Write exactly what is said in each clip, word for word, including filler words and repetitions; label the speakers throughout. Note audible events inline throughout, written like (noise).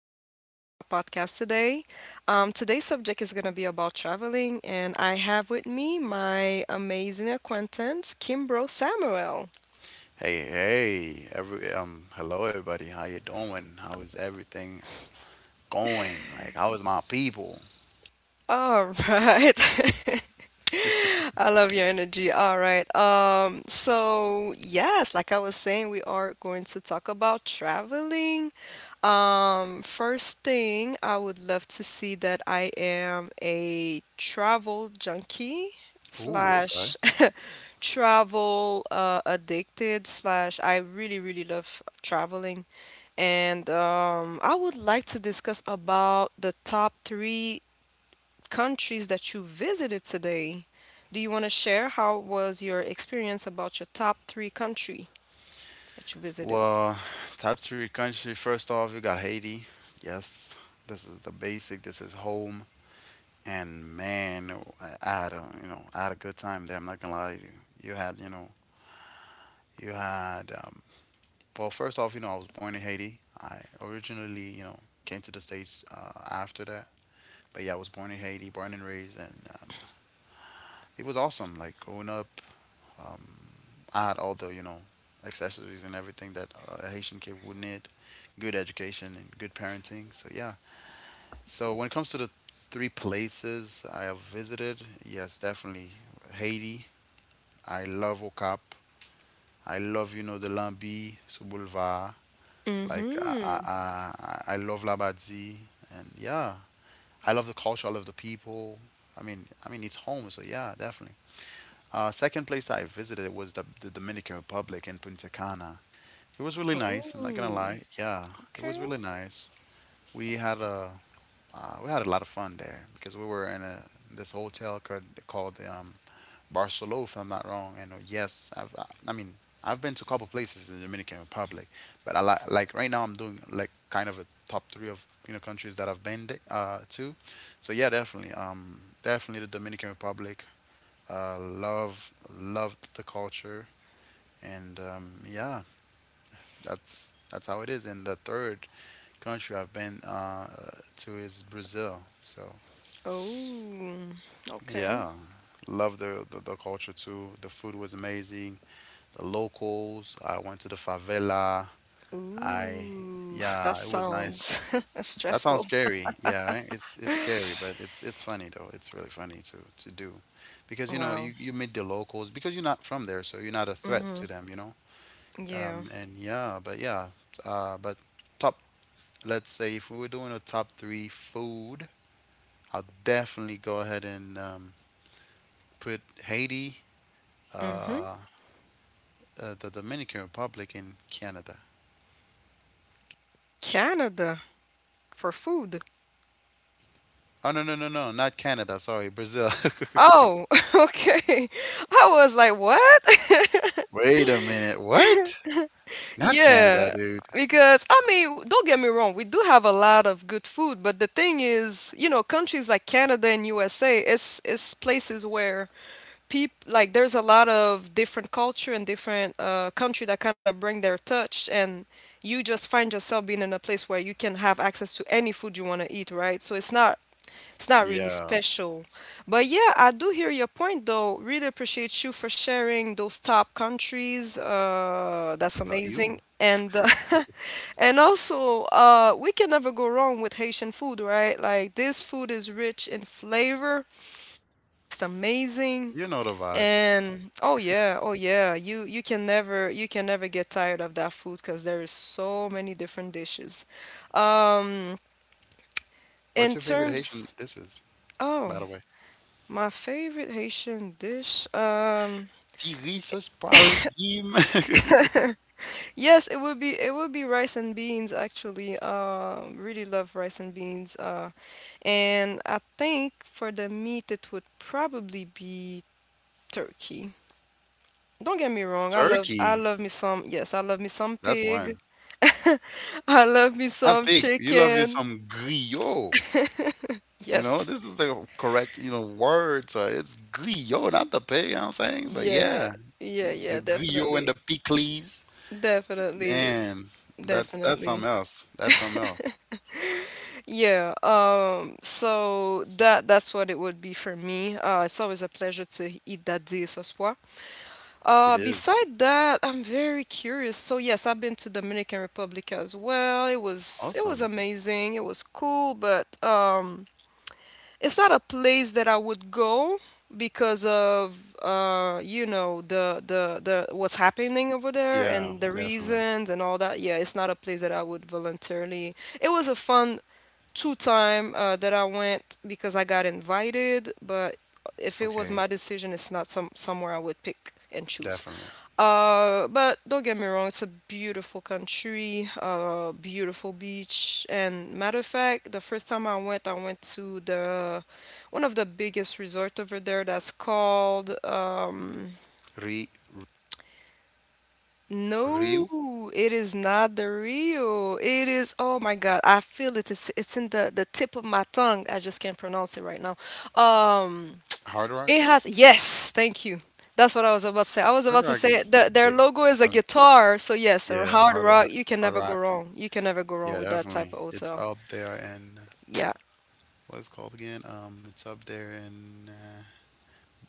Speaker 1: much for coming to my podcast today. Um, today's subject is going to be about traveling, and I have with me my amazing acquaintance, Kimbro Samuel.
Speaker 2: Hey, hey, every um, hello everybody. How you doing? How is everything going? Like, how is my people?
Speaker 1: All right. (laughs) I love your energy. All right. Um, so yes, like I was saying, we are going to talk about traveling. Um, first thing, I would love to see that I am a travel junkie
Speaker 2: Ooh,
Speaker 1: slash
Speaker 2: okay.
Speaker 1: (laughs) travel uh, addicted slash I really, really love traveling. And um, I would like to discuss about the top three countries that you visited today. Do you want to share how was your experience about your top three country that you visited?
Speaker 2: Well, top three country. First off, you got Haiti. Yes, this is the basic. This is home. And man, I I had a you know I had a good time there. I'm not gonna lie to you. You had you know you had um, Well, first off, you know I was born in Haiti. I originally you know came to the states uh, after that. But yeah, I was born in Haiti, born and raised, and um, it was awesome. Like growing up, um, I had all the you know accessories and everything that uh, a Haitian kid would need, good education and good parenting. So yeah. So when it comes to the three places I have visited, yes, definitely Haiti. I love Okap. I love you know the Lambi, Souboulevard. Like I I
Speaker 1: Mm-hmm.
Speaker 2: I I love Labadie, and yeah, I love the culture. I love the people. I mean, I mean, it's home, so yeah, definitely. Uh, second place I visited was the, the Dominican Republic in Punta Cana. It was really nice. I'm not gonna
Speaker 1: Oh,
Speaker 2: lie. Yeah, it was
Speaker 1: okay.
Speaker 2: really nice. We had a uh, we had a lot of fun there because we were in a this hotel called called um, Barcelona, if I'm not wrong. And uh, yes, I've I, I mean I've been to a couple places in the Dominican Republic, but I like like right now I'm doing like kind of a top three of you know countries that I've been de- uh, to. So yeah, definitely um definitely the Dominican Republic. Uh, love loved the culture, and um, yeah, that's that's how it is. And the third country I've been uh, to is Brazil. So
Speaker 1: Oh, okay.
Speaker 2: yeah, love the, the the culture too. The food was amazing. The locals. I went to the favela. I
Speaker 1: Ooh, (laughs) that
Speaker 2: Yeah, it was nice.
Speaker 1: sounds (laughs)
Speaker 2: That sounds
Speaker 1: stressful.
Speaker 2: scary. Yeah, right? It's it's scary, but it's it's funny though. It's really funny to to do because you know
Speaker 1: Wow.
Speaker 2: you you meet the locals because you're not from there, so you're not a
Speaker 1: Mm-hmm.
Speaker 2: threat to them. You know,
Speaker 1: Yeah.
Speaker 2: Um, and yeah, but yeah, uh, but top, let's say if we were doing a top three food, I'll definitely go ahead and um, put Haiti,
Speaker 1: Mm-hmm.
Speaker 2: uh, uh, the Dominican Republic, and Canada.
Speaker 1: Canada for food?
Speaker 2: Oh, no, no, no, no, not Canada. Sorry, Brazil.
Speaker 1: Oh, (laughs) okay. I was like, what? (laughs)
Speaker 2: (laughs) Wait a minute. What? Not Canada,
Speaker 1: Yeah,
Speaker 2: dude.
Speaker 1: because I mean, don't get me wrong, we do have a lot of good food, but the thing is, you know, countries like Canada and U S A is is places where people like there's a lot of different culture and different uh country that kind of bring their touch, and you just find yourself being in a place where you can have access to any food you want to eat, right? So it's not it's not really
Speaker 2: Yeah.
Speaker 1: special. But yeah, I do hear your point though. Really appreciate you for sharing those top countries. Uh, that's
Speaker 2: What about
Speaker 1: amazing.
Speaker 2: you?
Speaker 1: And uh, (laughs) and also, uh, we can never go wrong with Haitian food, right? Like this food is rich in flavor. It tastes amazing.
Speaker 2: You know the vibe.
Speaker 1: And oh yeah, oh yeah, you you can never you can never get tired of that food because there is so many different dishes. Um, in
Speaker 2: What's your favorite Haitian
Speaker 1: terms,
Speaker 2: dishes,
Speaker 1: oh,
Speaker 2: by the way?
Speaker 1: my favorite Haitian dish, um,
Speaker 2: Tirisos par légumes.
Speaker 1: yes, it would be it would be rice and beans, actually. Um, really love rice and beans. Uh, and I think for the meat, it would probably be turkey. Don't get me
Speaker 2: (laughs)
Speaker 1: wrong, I love I
Speaker 2: Turkey.
Speaker 1: love me some, yes, I love me some
Speaker 2: That's
Speaker 1: pig.
Speaker 2: one.
Speaker 1: (laughs) I love me
Speaker 2: Not
Speaker 1: some
Speaker 2: pig. You love you
Speaker 1: chicken.
Speaker 2: some griot. You know,
Speaker 1: Yes.
Speaker 2: this is the correct, you know, word. So it's griot, not the pig, you know what I'm saying? But
Speaker 1: Yeah.
Speaker 2: yeah,
Speaker 1: Yeah,
Speaker 2: the
Speaker 1: yeah,
Speaker 2: griot and
Speaker 1: definitely.
Speaker 2: the pickles.
Speaker 1: Definitely.
Speaker 2: Man, that's that's
Speaker 1: Definitely.
Speaker 2: something else. That's something else.
Speaker 1: Yeah, um, so that that's what it would be for me. Uh, it's always a pleasure to eat that dia sospoa.
Speaker 2: It
Speaker 1: Uh,
Speaker 2: is
Speaker 1: beside that, I'm very curious. So yes, I've been to Dominican Republic as well. It was it was
Speaker 2: awesome.
Speaker 1: amazing. It was cool, but um, it's not a place that I would go because of uh, you know, the the the what's happening over there
Speaker 2: Yeah,
Speaker 1: and the
Speaker 2: definitely.
Speaker 1: reasons and all that. Yeah, it's not a place that I would voluntarily. It was a fun two time uh, that I went because I got invited, but if it was
Speaker 2: Okay,
Speaker 1: my decision, it's not some somewhere I would pick and choose.
Speaker 2: definitely.
Speaker 1: Uh, but don't get me wrong, it's a beautiful country, uh, beautiful beach. And matter of fact, the first time I went, I went to the one of the biggest resort over there that's called um,
Speaker 2: Re Ryu?
Speaker 1: no, it is not the real. It is, oh my God, I feel it. It's it's in the the tip of my tongue. I just can't pronounce it right now. Um,
Speaker 2: Hard Rock?
Speaker 1: it has, yes, thank you. That's what I was about to say. I was
Speaker 2: Hard
Speaker 1: about to
Speaker 2: Rock
Speaker 1: say
Speaker 2: is
Speaker 1: the, their
Speaker 2: big.
Speaker 1: logo is a
Speaker 2: Um,
Speaker 1: guitar, so yes, or
Speaker 2: yeah,
Speaker 1: Hard
Speaker 2: Hard
Speaker 1: Rock,
Speaker 2: Rock.
Speaker 1: you can
Speaker 2: Hard
Speaker 1: never go
Speaker 2: Rock.
Speaker 1: wrong. You can never go wrong
Speaker 2: Yeah,
Speaker 1: with that type of
Speaker 2: definitely. It's
Speaker 1: hotel.
Speaker 2: up there, and
Speaker 1: Yeah.
Speaker 2: what it's called again. Um, it's up there in. Uh,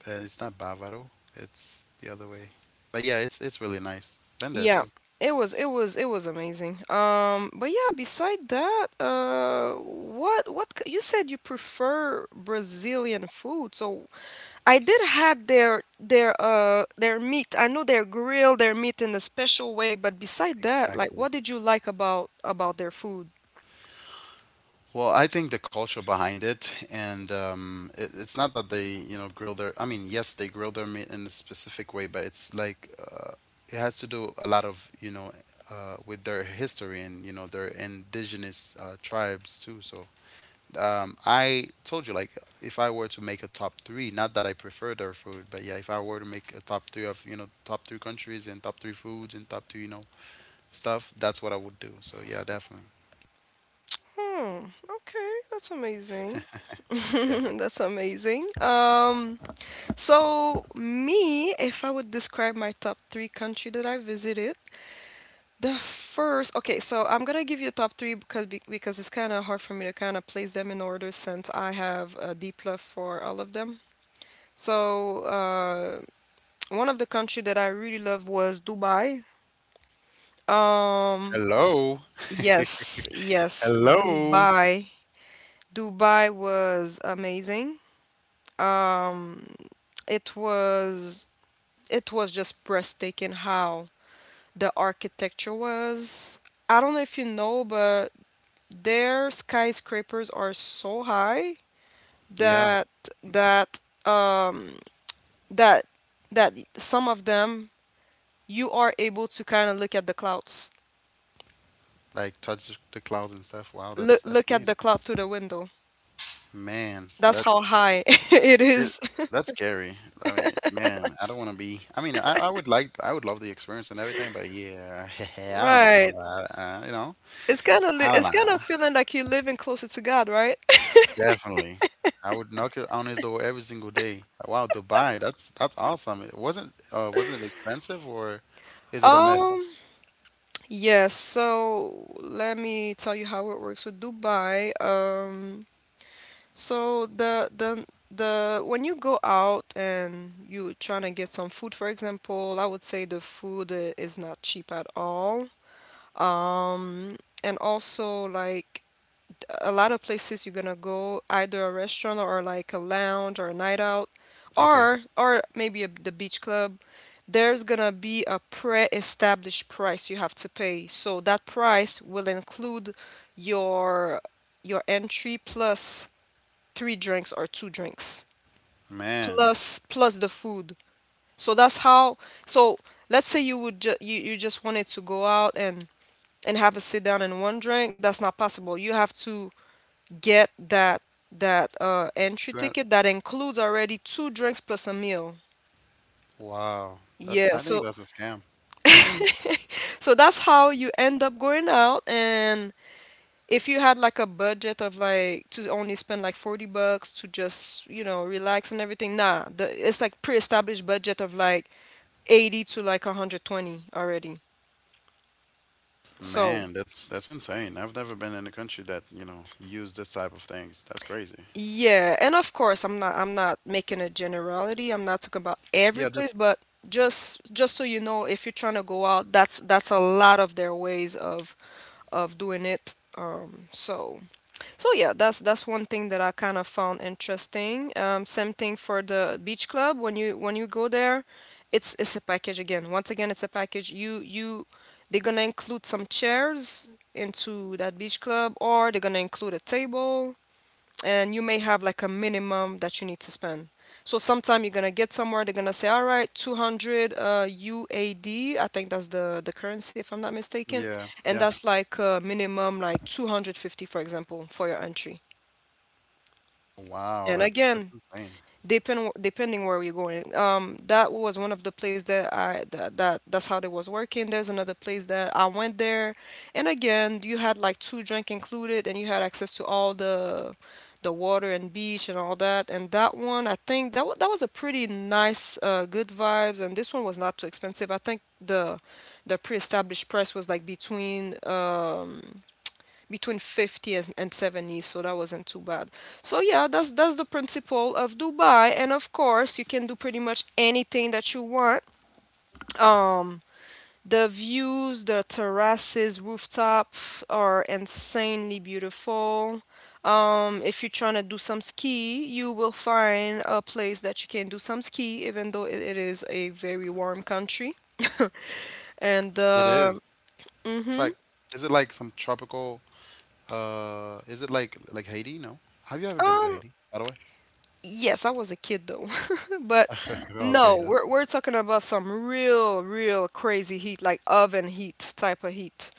Speaker 2: uh, It's not Bavaro. It's the other way. But yeah, it's it's really nice. Been there
Speaker 1: Yeah.
Speaker 2: too.
Speaker 1: It was it was it was amazing. Um, but yeah, beside that, uh, what what c- you said you prefer Brazilian food. So I did had their their uh their meat. I know they grill their meat in a special way, but beside that, like
Speaker 2: Exactly.
Speaker 1: what did you like about about their food?
Speaker 2: Well, I think the culture behind it, and um, it, it's not that they, you know, grill their. I mean, yes, they grill their meat in a specific way, but it's like uh, it has to do a lot of, you know, uh, with their history and you know their indigenous uh, tribes too. So um, I told you, like, if I were to make a top three, not that I prefer their food, but yeah, if I were to make a top three of, you know, top three countries and top three foods and top three, you know, stuff, that's what I would do. So yeah, definitely.
Speaker 1: Hmm, okay, that's amazing. (laughs)
Speaker 2: Yeah.
Speaker 1: That's amazing. Um, so me, if I would describe my top three country that I visited, the first, okay, so I'm gonna give you top three because be- because it's kind of hard for me to kind of place them in order since I have a deep love for all of them. So uh, one of the country that I really loved was Dubai. Um,
Speaker 2: Hello.
Speaker 1: yes,
Speaker 2: (laughs)
Speaker 1: yes,
Speaker 2: Hello.
Speaker 1: Dubai. Dubai was amazing. Um, it was it was just breathtaking how the architecture was. I don't know if you know, but their skyscrapers are so high
Speaker 2: Yeah.
Speaker 1: that that um that that some of them you are able to kind of look at the clouds.
Speaker 2: Like touch the clouds and stuff. Wow,
Speaker 1: Look
Speaker 2: that's that's
Speaker 1: look at the
Speaker 2: amazing.
Speaker 1: cloud through the window.
Speaker 2: Man,
Speaker 1: That's
Speaker 2: that's
Speaker 1: how high (laughs) it
Speaker 2: it,
Speaker 1: is.
Speaker 2: that's scary. I mean, man, I don't want to be. I mean, I, I would like, I would love the experience and everything, but yeah, (laughs) I don't know if
Speaker 1: Right.
Speaker 2: I'm, uh, uh, you know,
Speaker 1: It's kind of li
Speaker 2: I don't
Speaker 1: it's
Speaker 2: know.
Speaker 1: kind of feeling like you're living closer to God, right? (laughs)
Speaker 2: Definitely. I would knock it on his door every single day. Like, wow, Dubai, that's that's awesome. It wasn't uh Wasn't it expensive, or is it a myth?
Speaker 1: Um, yes. So let me tell you how it works with Dubai. Um, so the the the when you go out and you trying to get some food, for example, I would say the food uh, is not cheap at all. Um, and also like a lot of places you're gonna go, either a restaurant or like a lounge or a night out,
Speaker 2: Okay.
Speaker 1: or or maybe a, the beach club, there's gonna be a pre-established price you have to pay. So that price will include your your entry plus three drinks or two drinks
Speaker 2: Man.
Speaker 1: plus plus the food. So that's how. So let's say you would ju- you you just wanted to go out and and have a sit down and one drink. That's not possible. You have to get that that uh entry
Speaker 2: two hundred.
Speaker 1: ticket that includes already two drinks plus a meal.
Speaker 2: Wow. That,
Speaker 1: Yeah,
Speaker 2: I think
Speaker 1: so
Speaker 2: that's a scam. Hmm.
Speaker 1: (laughs) so that's how you end up going out, and if you had like a budget of like to only spend like forty bucks to just, you know, relax and everything, nah, the, it's like pre-established budget of like eighty to like a hundred twenty already. So
Speaker 2: Man, that's that's insane. I've never been in a country that, you know, used this type of things. That's crazy.
Speaker 1: yeah, and of course, I'm not I'm not making a generality. I'm not talking about every
Speaker 2: Yeah,
Speaker 1: place,
Speaker 2: this
Speaker 1: but just just so you know, if you're trying to go out, that's that's a lot of their ways of of doing it. Um, so so yeah, that's that's one thing that I kind of found interesting. Um, same thing for the beach club when you when you go there, it's it's a package again. Once again, it's a package. You you they're gonna include some chairs into that beach club, or they're gonna include a table, and you may have like a minimum that you need to spend. So sometime you're gonna get somewhere, they're gonna say, all right, two hundred uh, U A D, I think that's the the currency if I'm not mistaken,
Speaker 2: yeah,
Speaker 1: and
Speaker 2: yeah.
Speaker 1: that's like uh, minimum like two hundred fifty, for example, for your entry. And
Speaker 2: Wow, that's
Speaker 1: again,
Speaker 2: that's insane.
Speaker 1: depend depending where we're going. Um, that was one of the places that I that, that that's how they was working. There's another place that I went there, and again you had like two drink included, and you had access to all the the water and beach and all that. And that one, I think that wa that was a pretty nice, uh, good vibes. And this one was not too expensive. I think the the pre-established price was like between. Um, between fifty and seventy, so that wasn't too bad. So yeah, that's that's the principle of Dubai, and of course you can do pretty much anything that you want. um the views, the terraces, rooftop are insanely beautiful. Um if you're trying to do some ski, you will find a place that you can do some ski, even though it, it is a very warm country. (laughs) And
Speaker 2: It
Speaker 1: uh,
Speaker 2: is. It's like, is it like some tropical uh is it like like Haiti? No. Have you ever been to
Speaker 1: um
Speaker 2: Haiti, by the way?
Speaker 1: yes, I was a kid though. (laughs) But
Speaker 2: (laughs)
Speaker 1: no,
Speaker 2: Okay, that's
Speaker 1: we're we're talking about some real, real crazy heat, like oven heat type of heat.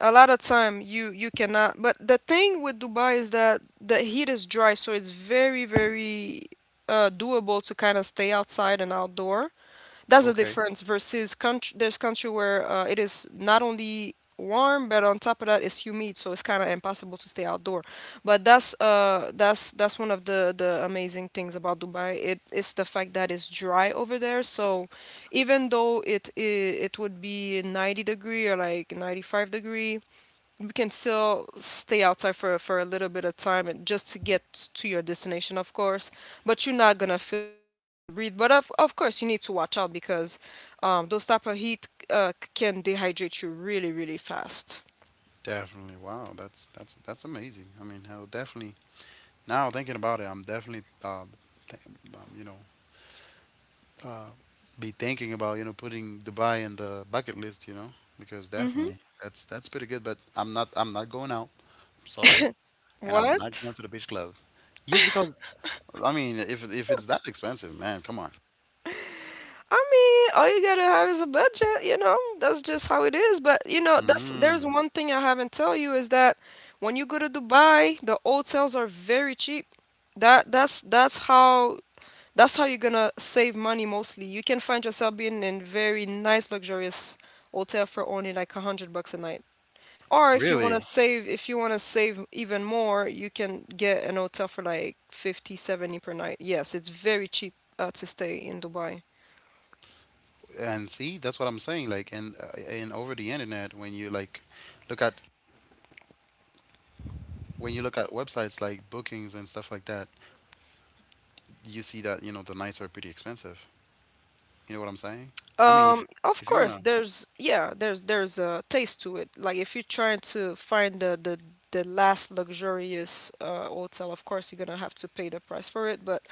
Speaker 1: A lot of time you you cannot. But the thing with Dubai is that the heat is dry, so it's very, very uh, doable to kind of stay outside and outdoor. That's the
Speaker 2: okay.
Speaker 1: difference versus country. There's country where uh, it is not only warm, but on top of that, it's humid, so it's kind of impossible to stay outdoor. But that's uh that's that's one of the the amazing things about Dubai. It is the fact that it's dry over there. So even though it it, it would be ninety degree or like ninety-five degree, we can still stay outside for for a little bit of time and just to get to your destination, of course, but you're not gonna feel like you cannot breathe. But of, of course you need to watch out because um, those type of heat uh, can dehydrate you really, really fast.
Speaker 2: Definitely. Wow, that's that's that's amazing. I mean, hell, definitely. Now thinking about it, I'm definitely um, th- um you know, uh be thinking about, you know, putting Dubai in the bucket list, you know, because definitely that's that's pretty good, but I'm not I'm not going out. Sorry. And I'm not going
Speaker 1: What?
Speaker 2: to the beach club. Yes, because I mean, if if it's that expensive, man, come on.
Speaker 1: I mean, all you gotta have is a budget, you know? That's just how it is. But you know, that's there's
Speaker 2: Mm,
Speaker 1: one thing I haven't tell you is that when you go to Dubai, the hotels are very cheap. That that's that's how that's how you're gonna save money mostly. You can find yourself being in very nice luxurious hotel for only like a hundred bucks a night. Or if you wanna
Speaker 2: really?
Speaker 1: save if you wanna save even more, you can get an hotel for like fifty, seventy per night. Yes, it's very cheap uh, to stay in Dubai.
Speaker 2: And see, that's what I'm saying. Like, and uh, and over the internet, when you like look at when you look at websites like bookings and stuff like that, you see that, you know, the nights are pretty expensive. You know what I'm saying? I mean,
Speaker 1: Um,
Speaker 2: if
Speaker 1: of
Speaker 2: if you
Speaker 1: course,
Speaker 2: wanna,
Speaker 1: there's yeah, there's there's a taste to it. Like if you're trying to find the the the last luxurious uh hotel, of course you're gonna have to pay the price for it. But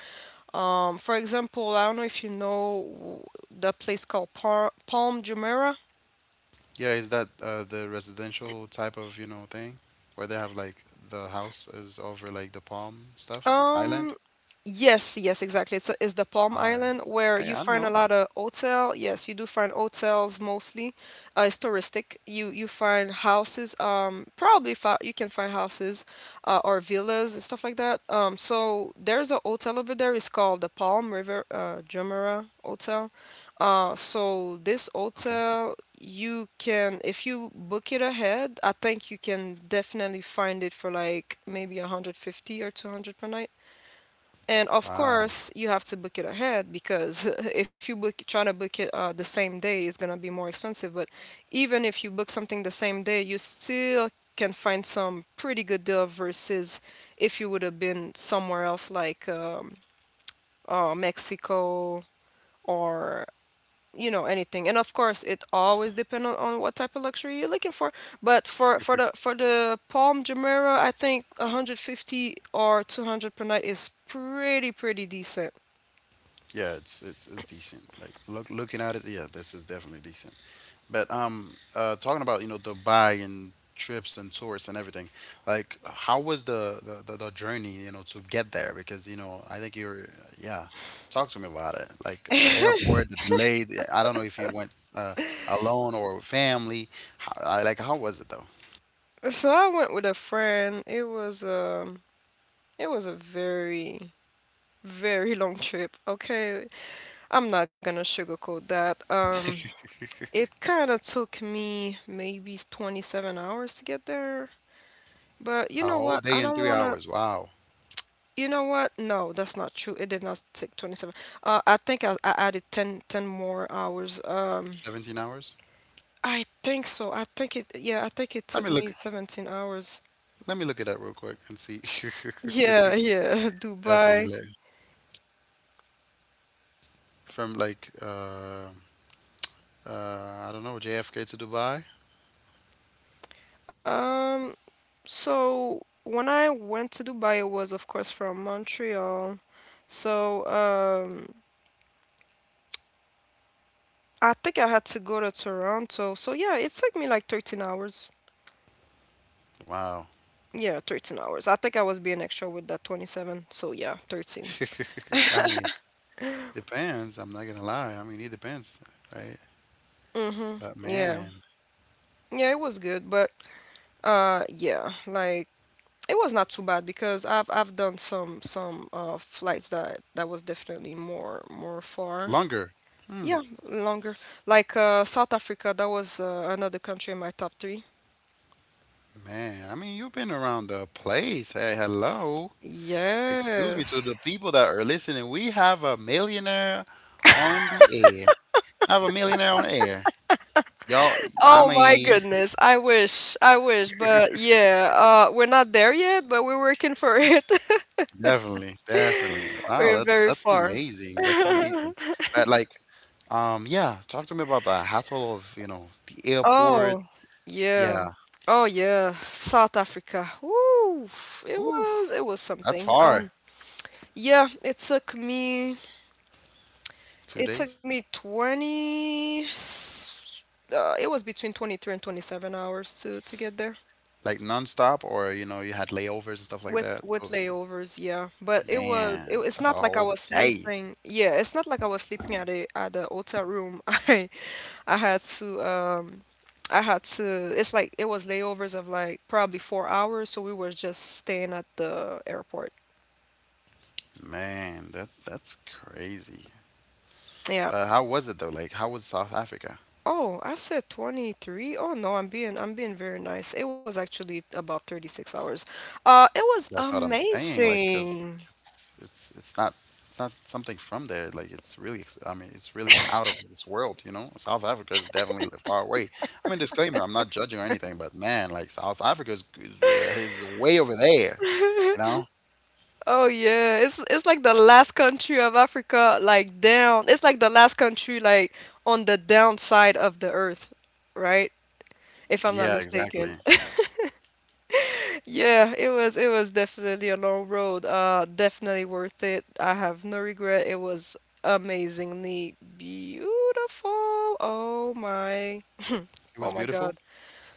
Speaker 1: um, for example, I don't know if you know the place called Par Palm Jumeirah.
Speaker 2: yeah, is that uh, the residential type of, you know, thing where they have like the house is over like the palm stuff
Speaker 1: Um,
Speaker 2: island?
Speaker 1: Yes, yes, exactly. It's, it's the Palm
Speaker 2: Ah, yeah.
Speaker 1: Island where
Speaker 2: Hey,
Speaker 1: you
Speaker 2: I don't
Speaker 1: find a
Speaker 2: know.
Speaker 1: lot of hotel. Yes, you do find hotels mostly. Uh, it's touristic. You you find houses. Um, probably fi you can find houses, uh, or villas and stuff like that. Um, so there's a hotel over there. It's called the Palm River, uh, Jumeirah Hotel. Uh, so this
Speaker 2: Okay.
Speaker 1: hotel, you can, if you book it ahead, I think you can definitely find it for like maybe one hundred fifty or two hundred per night. And of
Speaker 2: Wow.
Speaker 1: course, you have to book it ahead because (laughs) if you book trying to book it uh, the same day, it's gonna be more expensive. But even if you book something the same day, you still can find some pretty good deal versus if you would have been somewhere else like, um, uh, Mexico, or you know, anything. And of course, it always depends on, on what type of luxury you're looking for. But for for the for the Palm Jumeirah, I think one hundred fifty or two hundred per night is pretty pretty decent.
Speaker 2: Yeah, it's it's it's decent. Like look looking at it, yeah, this is definitely decent. But um, uh, talking about you know Dubai and trips and tours and everything, like how was the the, the, the journey you know to get there? Because you know I think you're yeah. Talk to me about it. Like the airport, the delay. The, I don't know if you went uh, alone or with family. How, I, like How was it though?
Speaker 1: So I went with a friend. It was um it was a very, very long trip. Okay, I'm not gonna sugarcoat that. Um,
Speaker 2: (laughs)
Speaker 1: it kind of took me maybe twenty-seven hours to get there. But you
Speaker 2: A
Speaker 1: know
Speaker 2: whole
Speaker 1: what? I
Speaker 2: day and
Speaker 1: don't
Speaker 2: three
Speaker 1: wanna.
Speaker 2: hours. Wow,
Speaker 1: You know what? No, that's not true. It did not take twenty-seven. Uh, I think I, I added ten ten more hours. Um,
Speaker 2: seventeen hours.
Speaker 1: I think so. I think it. Yeah, I think it
Speaker 2: Let
Speaker 1: took
Speaker 2: me
Speaker 1: me
Speaker 2: look.
Speaker 1: seventeen hours.
Speaker 2: Let me look at that real quick and see. (laughs)
Speaker 1: Yeah, yeah, (laughs)
Speaker 2: Definitely,
Speaker 1: Dubai.
Speaker 2: like, from like uh, uh, I don't know, J F K to Dubai.
Speaker 1: Um, So when I went to Dubai, it was of course from Montreal. So, um, I think I had to go to Toronto. So yeah, it took me like thirteen hours.
Speaker 2: Wow.
Speaker 1: Yeah, thirteen hours. I think I was being extra with that twenty-seven. So yeah, thirteen.
Speaker 2: (laughs) I mean, depends. I'm not gonna lie. I mean, it depends, right?
Speaker 1: Mm-hmm.
Speaker 2: But
Speaker 1: Yeah.
Speaker 2: man,
Speaker 1: Yeah, it was good, but uh yeah, like it was not too bad because I've I've done some some uh flights that that was definitely more more far.
Speaker 2: longer. Hmm.
Speaker 1: Yeah, longer. Like, uh, South Africa, that was, uh, another country in my top three.
Speaker 2: Man, I mean, you've been around the place. Hey, hello. Excuse me to the
Speaker 1: Yes.
Speaker 2: people that are listening. We have a millionaire on the air. I have a millionaire on air. Y'all, I
Speaker 1: Oh my
Speaker 2: mean,
Speaker 1: goodness. I wish. I wish. But yeah, uh, we're not there yet, but we're working for it. (laughs)
Speaker 2: definitely, definitely. Wow,
Speaker 1: We're
Speaker 2: that's
Speaker 1: very
Speaker 2: that's
Speaker 1: far.
Speaker 2: amazing. That's amazing.
Speaker 1: (laughs)
Speaker 2: But like, um, yeah, talk to me about the hassle of, you know, the airport.
Speaker 1: Oh, yeah.
Speaker 2: Yeah.
Speaker 1: Oh yeah, South Africa. Woo! It
Speaker 2: Ooh,
Speaker 1: was it was
Speaker 2: that's
Speaker 1: something.
Speaker 2: far.
Speaker 1: Um, yeah, it took me
Speaker 2: Two
Speaker 1: it took
Speaker 2: days?
Speaker 1: me twenty, s- uh, it was between 23 and twenty-seven hours to to get there
Speaker 2: Like nonstop, or you know, you had layovers and stuff like
Speaker 1: with
Speaker 2: that.
Speaker 1: with
Speaker 2: So,
Speaker 1: layovers, yeah. But it was it,
Speaker 2: man,
Speaker 1: it's
Speaker 2: that's a
Speaker 1: not like I
Speaker 2: whole
Speaker 1: was
Speaker 2: day.
Speaker 1: sleeping. Yeah, it's not like I was sleeping at a at a hotel room. (laughs) I I had to, um I had to it's like it was layovers of like probably four hours, so we were just staying at the airport.
Speaker 2: Man, that that's crazy.
Speaker 1: Yeah.
Speaker 2: But how was it though? Like, how was South Africa?
Speaker 1: Oh, I said twenty-three. Oh no, I'm being I'm being very nice. It was actually about thirty-six hours. Uh, it was
Speaker 2: That's what I'm saying. Like, 'cause
Speaker 1: amazing.
Speaker 2: it's it's it's not it's not something from there. Like, it's really ex- I mean, it's really out of this world. You know, South Africa is definitely far away. I mean, disclaimer, I'm not judging or anything, but man, like South Africa is is, uh, is way over there. You
Speaker 1: (laughs)
Speaker 2: know?
Speaker 1: Oh yeah, it's it's like the last country of Africa, like down. It's like the last country, like on the downside of the earth, right? If I'm not
Speaker 2: Yeah,
Speaker 1: mistaken.
Speaker 2: exactly.
Speaker 1: (laughs) Yeah, it was it was definitely a long road. Uh, definitely worth it. I have no regret. It was amazingly beautiful. Oh my.
Speaker 2: It
Speaker 1: Oh
Speaker 2: was
Speaker 1: my God.
Speaker 2: beautiful.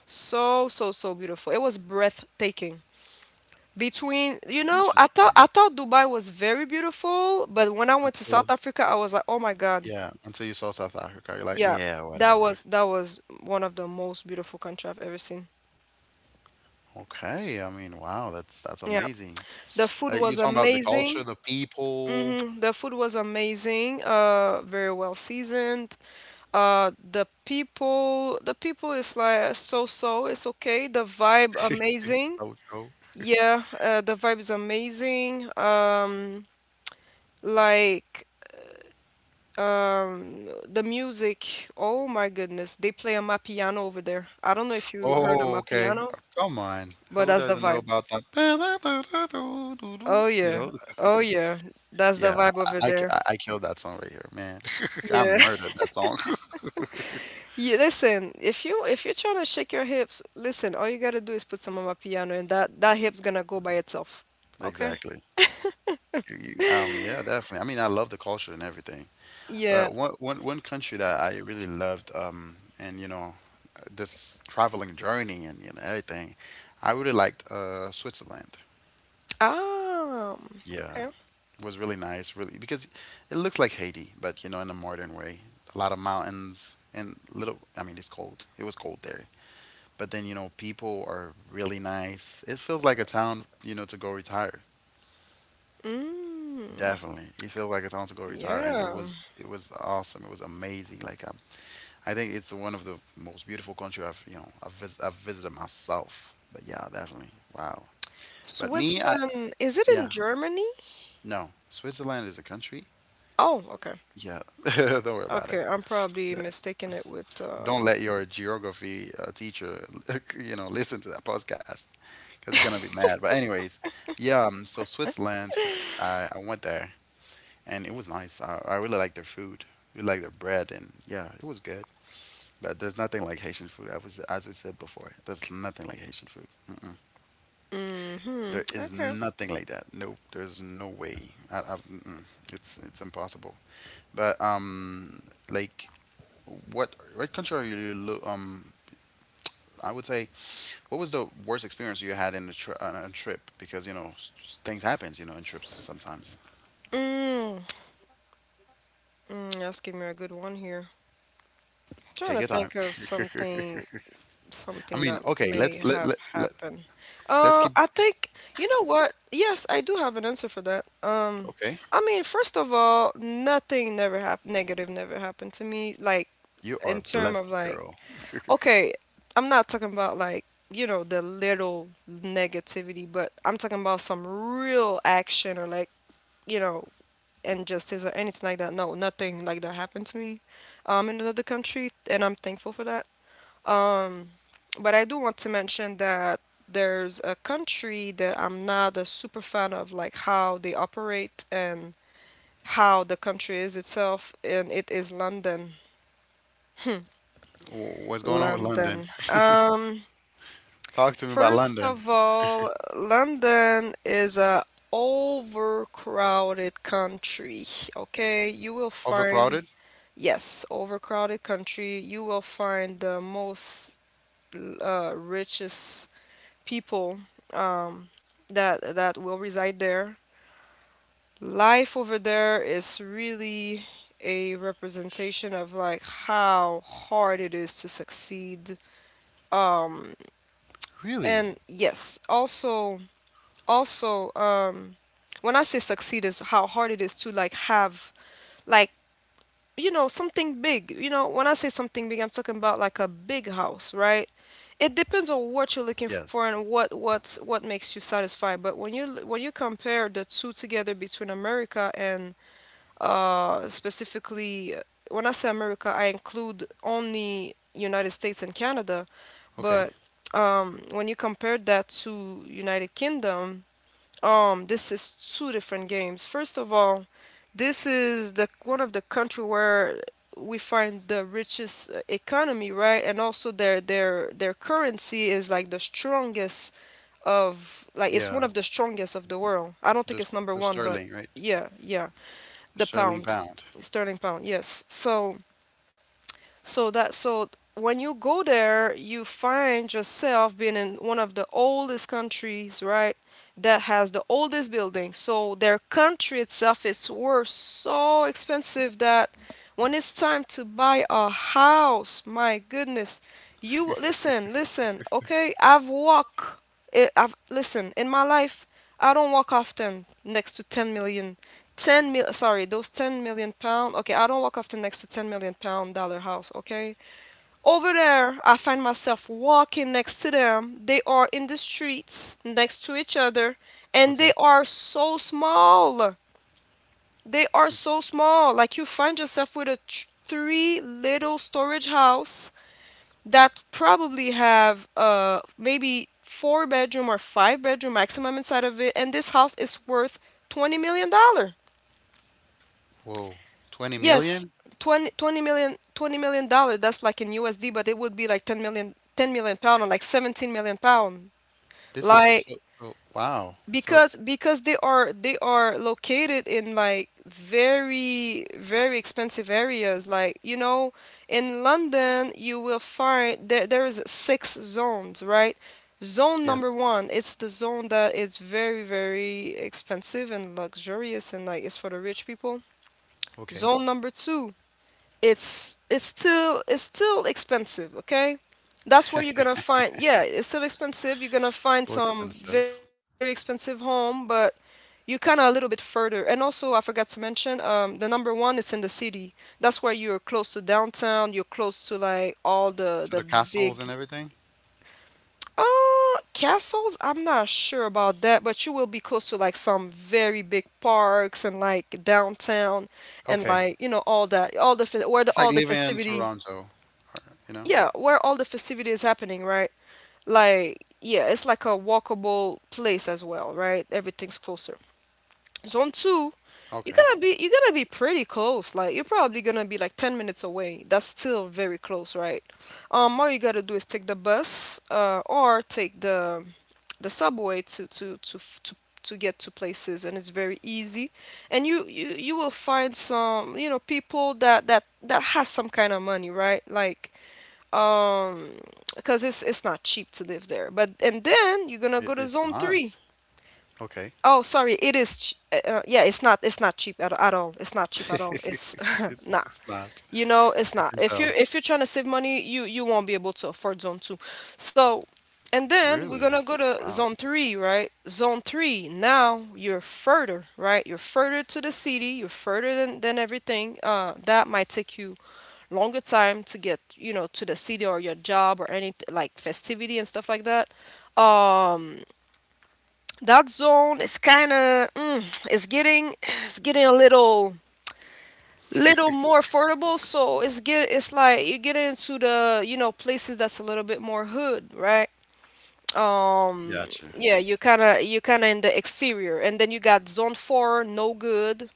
Speaker 1: So, so, so beautiful. It was breathtaking. Between, you know, I thought I
Speaker 2: Interesting.
Speaker 1: thought Dubai was very beautiful, but when I went to South
Speaker 2: Until
Speaker 1: Africa, I was like, "Oh my God."
Speaker 2: yeah, until you saw South Africa, you're like,
Speaker 1: Yeah.
Speaker 2: yeah,
Speaker 1: That
Speaker 2: whatever.
Speaker 1: was that was one of the most beautiful country I've ever seen.
Speaker 2: Okay, I mean, wow, that's that's
Speaker 1: Yeah.
Speaker 2: amazing.
Speaker 1: The food
Speaker 2: Like
Speaker 1: was
Speaker 2: you're talking about the culture,
Speaker 1: amazing.
Speaker 2: the people.
Speaker 1: hmm The food was amazing. Uh, very well seasoned. Uh, the people, the people is like so so. It's okay. The vibe
Speaker 2: (laughs)
Speaker 1: amazing.
Speaker 2: So so.
Speaker 1: Yeah, uh, the vibe is amazing. Um, like, um, the music. Oh my goodness, they play a amapiano over there. I don't know if you heard a
Speaker 2: Oh, okay.
Speaker 1: amapiano,
Speaker 2: Uh, Come on.
Speaker 1: but
Speaker 2: Who
Speaker 1: that's the
Speaker 2: doesn't know
Speaker 1: vibe.
Speaker 2: about that? (laughs)
Speaker 1: Oh
Speaker 2: You
Speaker 1: yeah,
Speaker 2: know?
Speaker 1: oh yeah, that's the
Speaker 2: Yeah,
Speaker 1: vibe over
Speaker 2: I, I,
Speaker 1: there.
Speaker 2: I I killed that song right here, man. (laughs) I
Speaker 1: Yeah. (laughs)
Speaker 2: murdered that song. (laughs)
Speaker 1: You listen, if you if you're trying to shake your hips, listen, all you gotta do is put some on my piano and that that hip's gonna go by itself. Okay?
Speaker 2: Exactly. You, you, um, yeah, definitely. I mean, I love the culture and everything.
Speaker 1: Yeah.
Speaker 2: But one, one, one country that I really loved, um, and you know, this traveling journey and you know everything, I really liked uh, Switzerland.
Speaker 1: Ah,
Speaker 2: Yeah,
Speaker 1: okay.
Speaker 2: was really nice, really, because it looks like Haiti, but you know, in a modern way. A lot of mountains and little. I mean, it's cold. It was cold there, but then you know, people are really nice. It feels like a town, you know, to go retire.
Speaker 1: Mm,
Speaker 2: Definitely, it felt like a town to go retire, and it
Speaker 1: yeah.
Speaker 2: was it was awesome. It was amazing. Like i I think it's one of the most beautiful country I've you know I've, vis- I've visited myself. But yeah, definitely. Wow. But me, I
Speaker 1: Switzerland, is it in
Speaker 2: yeah,
Speaker 1: Germany?
Speaker 2: no. Switzerland is a country.
Speaker 1: Oh, okay.
Speaker 2: Yeah, (laughs) don't worry about it.
Speaker 1: Okay, I'm probably
Speaker 2: Th-
Speaker 1: mistaking it with
Speaker 2: Don't
Speaker 1: um
Speaker 2: let your geography uh, teacher (laughs) you know listen to that podcast because it's gonna be mad. But anyways, yeah. Um, so Switzerland, I I went there and it was nice. I, I really liked their food. We liked their bread, and yeah, it was good. But there's nothing like Haitian food. I was, as we said before, there's nothing like Haitian food. Mm-mm.
Speaker 1: hmm
Speaker 2: There is
Speaker 1: okay.
Speaker 2: nothing like that. Nope. There's no way. I, I've, mm-mm. It's it's impossible. But um, like, what what country are you? lo- Um, I would say, what was the worst experience you had in a, tri- on a trip? Because you know s- s- things happens. You know, in trips sometimes.
Speaker 1: Mm, mm, that's giving me a good one here. Trying
Speaker 2: Take
Speaker 1: to
Speaker 2: your time.
Speaker 1: think of
Speaker 2: (laughs)
Speaker 1: something,
Speaker 2: I
Speaker 1: something
Speaker 2: mean,
Speaker 1: that
Speaker 2: okay.
Speaker 1: may
Speaker 2: Let's let
Speaker 1: have
Speaker 2: let, let
Speaker 1: happened.
Speaker 2: let's
Speaker 1: Uh,
Speaker 2: keep.
Speaker 1: I think, you know what? Yes, I do have an answer for that. Um,
Speaker 2: Okay,
Speaker 1: I mean, first of all, nothing never happened. Negative never happened to me. Like,
Speaker 2: you are
Speaker 1: in term of
Speaker 2: blessed,
Speaker 1: like,
Speaker 2: girl. (laughs)
Speaker 1: okay, I'm not talking about, like, you know, the little negativity, but I'm talking about some real action, or like, you know, injustice, or anything like that. No, nothing like that happened to me um in another country, and I'm thankful for that. But I do want to mention that there's a country that I'm not a super fan of, like how they operate and how the country is itself, and it is London.
Speaker 2: Wh- What's going on with London?
Speaker 1: London. Um
Speaker 2: Talk to me about
Speaker 1: First
Speaker 2: London.
Speaker 1: of all, London is a overcrowded country, okay? You will
Speaker 2: Overcrowded?
Speaker 1: find, yes, overcrowded country. You will find the most, uh, richest people, um, that that will reside there. Life over there is really a representation of like how hard it is to succeed. Um,
Speaker 2: Really?
Speaker 1: and yes, also, also um when I say succeed is how hard it is to, like, have like, you know something big. you know when I say something big, I'm talking about like a big house, right? It depends on what you're looking for
Speaker 2: Yes.
Speaker 1: and what, what's what makes you satisfied. But when, you l- when you compare the two together between America and, uh specifically, uh, when I say America, I include only United States and Canada.
Speaker 2: Okay.
Speaker 1: But, um when you compare that to United Kingdom, um, this is two different games. First of all, this is the one of the country where we find the richest, uh, economy, right? And also their their their currency is like the strongest of, like it's one
Speaker 2: Yeah.
Speaker 1: of the strongest of the world. I don't
Speaker 2: The
Speaker 1: think it's number
Speaker 2: the
Speaker 1: one, but
Speaker 2: sterling, right?
Speaker 1: yeah, yeah,
Speaker 2: The
Speaker 1: the
Speaker 2: sterling
Speaker 1: pound,
Speaker 2: pound.
Speaker 1: sterling pound. Yes. So, so that so when you go there, you find yourself being in one of the oldest countries, right? That has the oldest building. So their country itself is worth so expensive that when it's time to buy a house, my goodness, you listen, listen, okay? I've walked, eh, I've listen, in my life, I don't walk often next to ten million. ten mil, sorry, those ten million pound, okay? I don't walk often next to ten million pound dollar house, okay? Over there I find myself walking next to them, they are in the streets next to each other, and
Speaker 2: Okay.
Speaker 1: they are so small, they are so small like you find yourself with a tr- three little storage house that probably have uh maybe four bedroom or five bedroom maximum inside of it, and this house is worth twenty million dollar.
Speaker 2: Whoa. twenty
Speaker 1: Yes,
Speaker 2: million?
Speaker 1: twenty twenty million twenty million dollar, that's like in U S D, but it would be like ten million ten million pound, or like seventeen million pound.
Speaker 2: This is
Speaker 1: Like,
Speaker 2: so, so wow. So
Speaker 1: because because they are they are located in like very, very expensive areas. Like, you know, in London you will find there there is six zones, right? Zone number
Speaker 2: yes.
Speaker 1: one, it's the zone that is very, very expensive and luxurious, and like it's for the rich people.
Speaker 2: Okay.
Speaker 1: Zone number two, it's it's still it's still expensive, okay? That's where you're gonna find, yeah, it's still expensive, you're gonna find
Speaker 2: So
Speaker 1: some
Speaker 2: expensive.
Speaker 1: very expensive home, but you kind of a little bit further. And also I forgot to mention, um, the number one, it's in the city. That's where you're close to downtown, you're close to like all the
Speaker 2: So
Speaker 1: the
Speaker 2: the castles and
Speaker 1: big,
Speaker 2: everything?
Speaker 1: uh castles, I'm not sure about that, but you will be close to like some very big parks and like downtown, and
Speaker 2: Okay.
Speaker 1: like, you know all that, all the fe- where the
Speaker 2: It's like
Speaker 1: all the
Speaker 2: living in
Speaker 1: festivity.
Speaker 2: Toronto, or, you know?
Speaker 1: Yeah, where all the festivity is happening, right? Like, yeah, it's like a walkable place as well, right? Everything's closer. Zone two, you're
Speaker 2: Okay.
Speaker 1: gonna be you're gonna be pretty close. Like, you're probably gonna be like ten minutes away. That's still very close, right? Um, all you gotta do is take the bus, uh, or take the the subway to to to f- to to get to places, and it's very easy. And you, you you will find some you know people that that that has some kind of money, right? Like, um because it's it's not cheap to live there. But and then you're gonna
Speaker 2: It,
Speaker 1: go to
Speaker 2: it's
Speaker 1: zone
Speaker 2: not.
Speaker 1: three.
Speaker 2: Okay.
Speaker 1: Oh, sorry. It is. Ch- uh, uh, yeah, it's not. It's not cheap at, at all. It's not cheap at all. It's
Speaker 2: (laughs) It,
Speaker 1: (laughs) nah.
Speaker 2: it's not.
Speaker 1: You know, it's
Speaker 2: I
Speaker 1: not.
Speaker 2: can
Speaker 1: If
Speaker 2: tell.
Speaker 1: you're if you're trying to save money, you you won't be able to afford zone two. So, and then we're gonna
Speaker 2: Really?
Speaker 1: go to
Speaker 2: Wow.
Speaker 1: zone three, right? Zone three. Now you're further, right? You're further to the city. You're further than than everything. Uh, that might take you longer time to get, you know, to the city or your job or any like festivity and stuff like that. Um that zone is kind of mm, it's getting, it's getting a little little more affordable. So it's get, it's like you get into the, you know, places that's a little bit more hood, right? Um,
Speaker 2: Gotcha.
Speaker 1: yeah, you kind of, you kind of in the exterior, and then you got zone four, no good.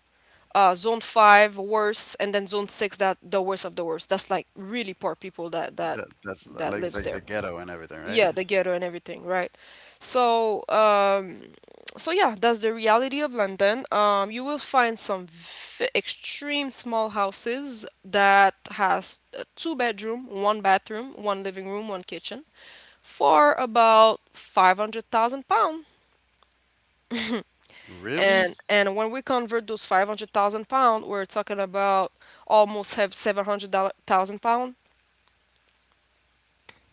Speaker 1: Uh, zone five, worse, and then zone six, that the worst of the worst. That's like really poor people that that
Speaker 2: That that's
Speaker 1: that
Speaker 2: like it's
Speaker 1: lives
Speaker 2: like the
Speaker 1: there.
Speaker 2: ghetto and everything, right?
Speaker 1: Yeah, the ghetto and everything, right? So, um, so yeah, that's the reality of London. Um, you will find some v extreme small houses that has a two bedroom, one bathroom, one living room, one kitchen for about five hundred thousand pound.
Speaker 2: Really?
Speaker 1: And and when we convert those five hundred thousand pound, we're talking about almost have seven hundred thousand pound.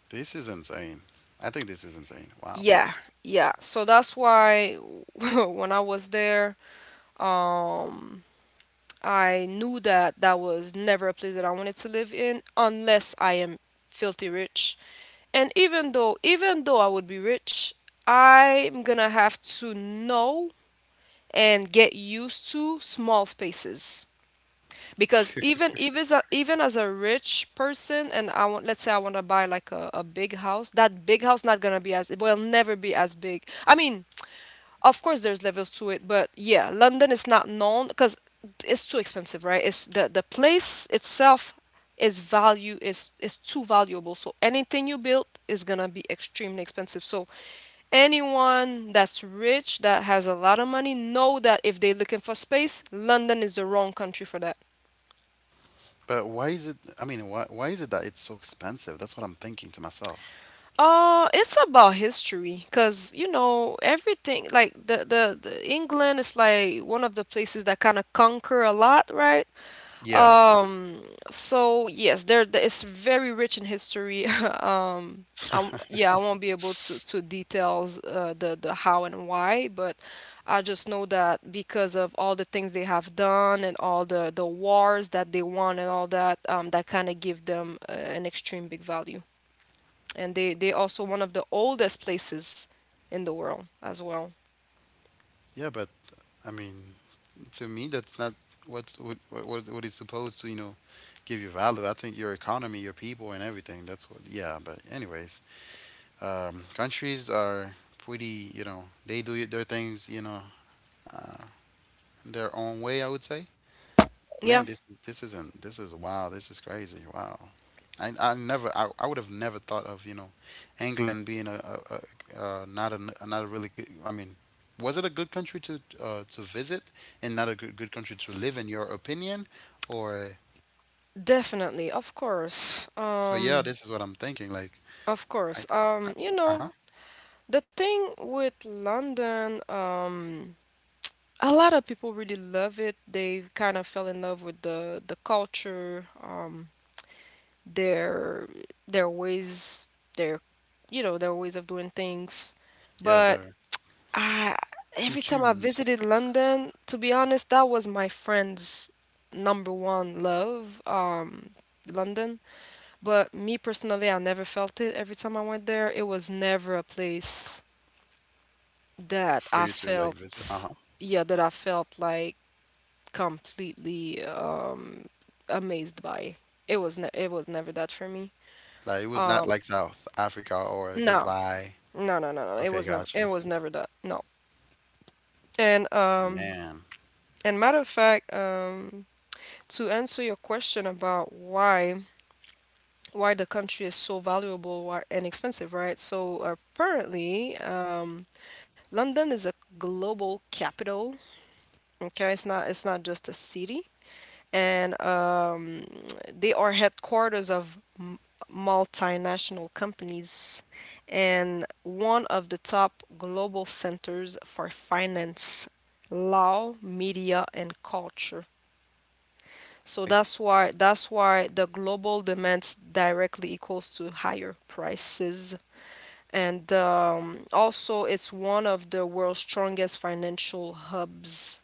Speaker 2: This is insane. I think this is insane. Wow.
Speaker 1: Yeah, yeah. So that's why (laughs) when I was there, um, I knew that that was never a place that I wanted to live in unless I am filthy rich. And even though even though I would be rich, I'm going to have to know and get used to small spaces. Because even even as a, even as a rich person, and I want, let's say I want to buy like a, a big house, that big house not going to be as, it will never be as big. I mean, of course, there's levels to it, but yeah, London is not known because it's too expensive, right? It's the the place itself is value is is too valuable. So anything you build is gonna be extremely expensive. So anyone that's rich that has a lot of money know that if they're looking for space, London is the wrong country for that.
Speaker 2: But why is it? I mean, why why is it that it's so expensive? That's what I'm thinking to myself.
Speaker 1: Uh, it's about history, cause you know everything. Like the the, the England is like one of the places that kind of conquer a lot, right?
Speaker 2: Yeah,
Speaker 1: Um, so yes, there there- it's very rich in history. (laughs) Um, I Yeah, I won't be able to to details uh, the the how and why, but I just know that because of all the things they have done and all the the wars that they won and all that, um, that kind of give them uh, an extreme big value. And they they also one of the oldest places in the world as well.
Speaker 2: yeah, but I mean, to me, that's not what what what what is supposed to you know give you value. I think your economy, your people, and everything. That's what. Yeah, but anyways, um, countries are pretty. You know, they do their things. You know, in their own way. I would say.
Speaker 1: Yeah,
Speaker 2: Man, this this isn't this is wow, this is crazy. Wow. I I never I, I would have never thought of, you know, England being a, a, a uh, not a n- not a really good. I mean, was it a good country to uh, to visit and not a good good country to live in your opinion, or
Speaker 1: definitely, of course.
Speaker 2: so yeah,
Speaker 1: Um,
Speaker 2: this is what I'm thinking like
Speaker 1: of course.
Speaker 2: I I
Speaker 1: Um, you
Speaker 2: uh-huh.
Speaker 1: know, The thing with London, um, a lot of people really love it. They kind of fell in love with the the culture, um, their their ways, their, you know, their ways of doing things.
Speaker 2: Yeah,
Speaker 1: But
Speaker 2: the
Speaker 1: I every time I
Speaker 2: Hutus
Speaker 1: visited London, to be honest, that was my friend's number one love, um, London. But me personally, I never felt it. Every time I went there, it was never a place that
Speaker 2: for
Speaker 1: I
Speaker 2: you to like
Speaker 1: felt.
Speaker 2: visit. Uh-huh.
Speaker 1: Yeah, that I felt like completely um amazed by. It was ne it was never that for me.
Speaker 2: Like it was
Speaker 1: Um
Speaker 2: not like South Africa or
Speaker 1: no.
Speaker 2: Dubai.
Speaker 1: No, no, no, no. It was
Speaker 2: Okay,
Speaker 1: never it
Speaker 2: gotcha.
Speaker 1: was never that. No. And um
Speaker 2: Man.
Speaker 1: and matter of fact, um to answer your question about why, why the country is so valuable why, and expensive, right? So apparently, um, London is a global capital. Okay, it's not it's not just a city. And um, they are headquarters of m- multinational companies and one of the top global centers for finance, law, media, and culture. So that's why that's why the global demands directly equals to higher prices. And um, also, it's one of the world's strongest financial hubs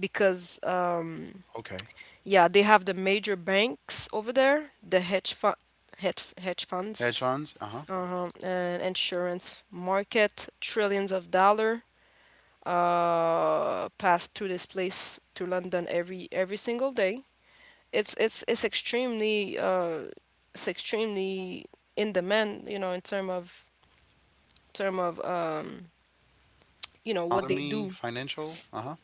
Speaker 1: because um,
Speaker 2: Okay.
Speaker 1: yeah, they have the major banks over there, the hedge fund, hedge, hedge funds,
Speaker 2: Hedge funds. Uh-huh.
Speaker 1: uh, and insurance market, trillions of dollar uh pass through this place to London every every single day. It's it's it's extremely uh, it's extremely in demand, you know, in term of, term of um you know, what they
Speaker 2: Economy,
Speaker 1: do.
Speaker 2: financial? Uh-huh.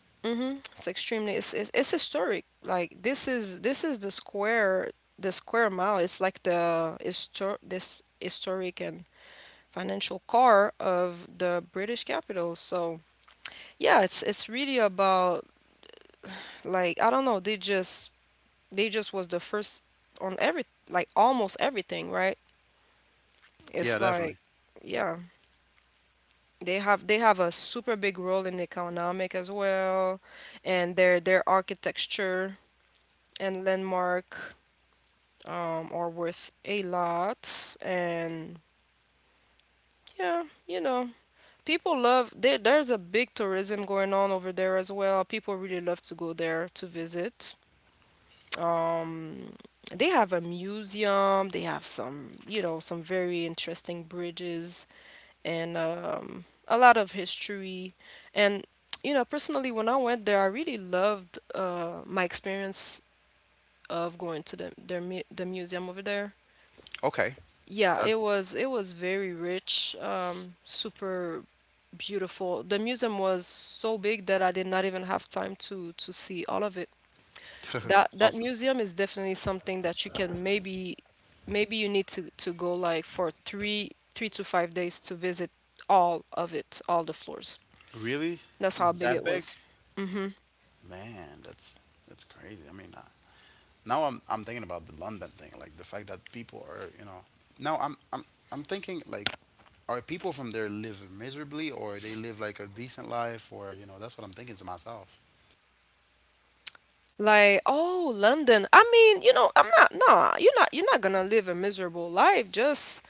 Speaker 1: It's extremely, it's, it's it's historic. Like this is this is the square, the square mile. It's like the histor this historic and financial core of the British capital. So yeah, it's it's really about, like, I don't know, they just they just was the first on every, like almost everything, right? It's
Speaker 2: Yeah,
Speaker 1: like
Speaker 2: definitely.
Speaker 1: yeah. They have they have a super big role in economic as well, and their their architecture and landmark um, are worth a lot. And yeah, you know, people love there. There's a big tourism going on over there as well. People really love to go there to visit. Um, they have a museum. They have some, you know, some very interesting bridges and um, a lot of history. And you know, personally, when I went there, I really loved uh, my experience of going to the their mu- the museum over there.
Speaker 2: Okay.
Speaker 1: Yeah, it
Speaker 2: That's
Speaker 1: was it was very rich, um, super beautiful. The museum was so big that I did not even have time to to see all of it. That
Speaker 2: (laughs)
Speaker 1: that
Speaker 2: awesome.
Speaker 1: museum is definitely something that you can maybe, maybe you need to to go like for three three to five days to visit all of it, all the floors.
Speaker 2: Really?
Speaker 1: That's how
Speaker 2: It's
Speaker 1: big it
Speaker 2: that big?
Speaker 1: was.
Speaker 2: Man, that's that's crazy. I mean, uh, now I'm I'm thinking about the London thing, like the fact that people are, you know, now I'm I'm I'm thinking like are people from there live miserably or they live like a decent life or, you know, that's what I'm thinking to myself.
Speaker 1: Like, oh, London. I mean, you know, I'm not, nah, you're not, you're not gonna live a miserable life. Just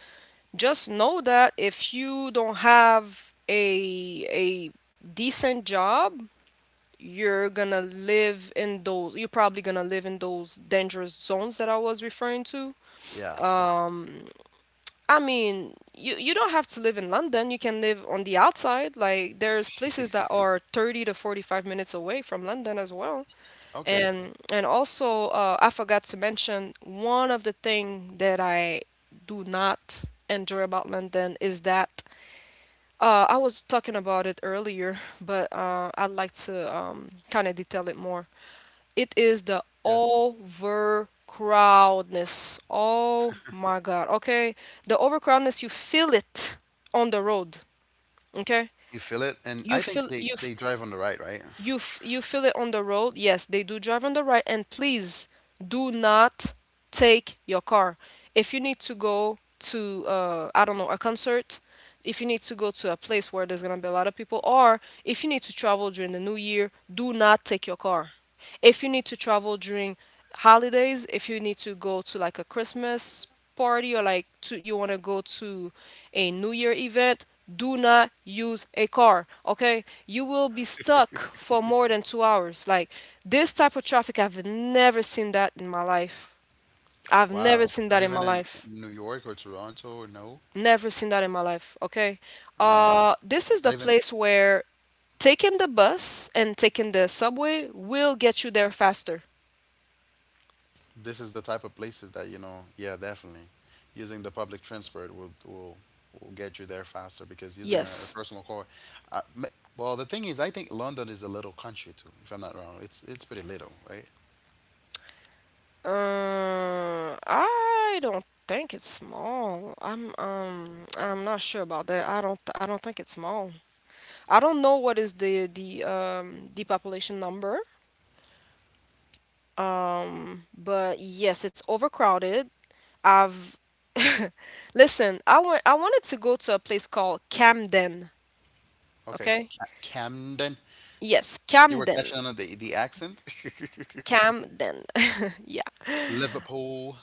Speaker 1: just know that if you don't have a a decent job, you're gonna live in those, you're probably gonna live in those dangerous zones that I was referring to.
Speaker 2: Yeah.
Speaker 1: Um I mean, you you don't have to live in London. You can live on the outside. Like there's places that are thirty to forty-five minutes away from London as well.
Speaker 2: Okay.
Speaker 1: And and also uh, I forgot to mention one of the thing that I do not enjoy about London is that uh, I was talking about it earlier, but uh, I'd like to um, kind of detail it more. It is the
Speaker 2: Yes.
Speaker 1: overcrowdedness. Oh my God. Okay. The overcrowdedness, you feel it on the road. Okay.
Speaker 2: You feel it? And
Speaker 1: You
Speaker 2: I
Speaker 1: feel
Speaker 2: think
Speaker 1: you
Speaker 2: they
Speaker 1: f-
Speaker 2: they drive on the right, right?
Speaker 1: you f- You feel it on the road. Yes, they do drive on the right, and please do not take your car. If you need to go to, uh, I don't know, a concert, if you need to go to a place where there's going to be a lot of people, or if you need to travel during the new year, do not take your car. If you need to travel during holidays, if you need to go to like a Christmas party, or like to, you want to go to a new year event, do not use a car, okay? You will be stuck for more than two hours. Like this type of traffic, I've never seen that in my life. I've never
Speaker 2: Wow.
Speaker 1: seen
Speaker 2: Not
Speaker 1: that in
Speaker 2: even
Speaker 1: my
Speaker 2: in
Speaker 1: life.
Speaker 2: in New York or Toronto or no?
Speaker 1: Never seen that in my life. Okay.
Speaker 2: Man.
Speaker 1: Uh, this is
Speaker 2: Not
Speaker 1: the
Speaker 2: even
Speaker 1: place where taking the bus and taking the subway will get you there faster.
Speaker 2: this is the type of places that, you know, yeah, definitely. Using the public transport will will will get you there faster because using a, a
Speaker 1: Yes.
Speaker 2: personal car. Uh, ma- well, the thing is, I think London is a little country too, if I'm not wrong. It's it's pretty little, right?
Speaker 1: Uh, I don't think it's small. I'm um I'm not sure about that. I don't I don't think it's small. I don't know what is the the um the population number. Um, but yes, it's overcrowded. I've (laughs) listen, I want. I wanted to go to a place called Camden,
Speaker 2: Okay,
Speaker 1: okay?
Speaker 2: Ca- Camden.
Speaker 1: Yes,
Speaker 2: You were
Speaker 1: Camden.
Speaker 2: catching on the the accent. (laughs)
Speaker 1: Camden. (laughs) Yeah.
Speaker 2: Liverpool,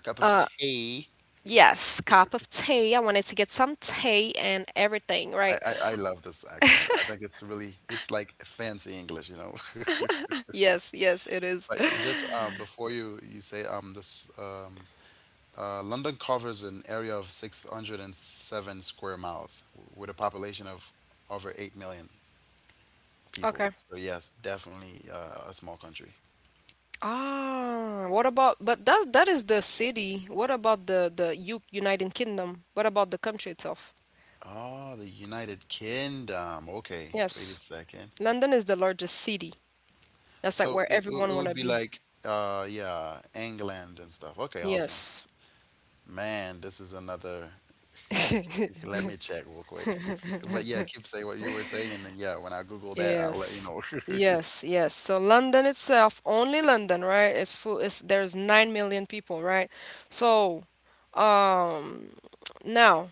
Speaker 2: a cup of tea.
Speaker 1: Yes, cup of tea. I wanted to get some tea and everything, right?
Speaker 2: I, I, I love this accent. I think it's really it's like fancy English, you know. (laughs)
Speaker 1: Yes, yes, it is. (gasps)
Speaker 2: But
Speaker 1: (clears throat)
Speaker 2: just um, before you you say um this um Uh, London covers an area of six hundred and seven square miles w- with a population of over 8 million
Speaker 1: Okay.
Speaker 2: people. So, yes, definitely uh, a small country.
Speaker 1: Ah, what about, but that that is the city. What about the the U United Kingdom? What about the country itself?
Speaker 2: Oh, the United Kingdom. Okay, wait a
Speaker 1: Yes.
Speaker 2: second.
Speaker 1: London is the largest city. That's like
Speaker 2: So
Speaker 1: where
Speaker 2: it, it it
Speaker 1: everyone
Speaker 2: would
Speaker 1: wanna
Speaker 2: be
Speaker 1: be.
Speaker 2: like, uh, yeah, England and stuff. Okay, awesome.
Speaker 1: Yes.
Speaker 2: Man, this is another. (laughs) Let me check real quick. (laughs) But yeah, keep saying what you were saying, and yeah, when I Google that, I'll let you
Speaker 1: Yes.
Speaker 2: know. (laughs)
Speaker 1: Yes, yes. So London itself, only London, right? It's full. It's there's nine million people, right? So, um, now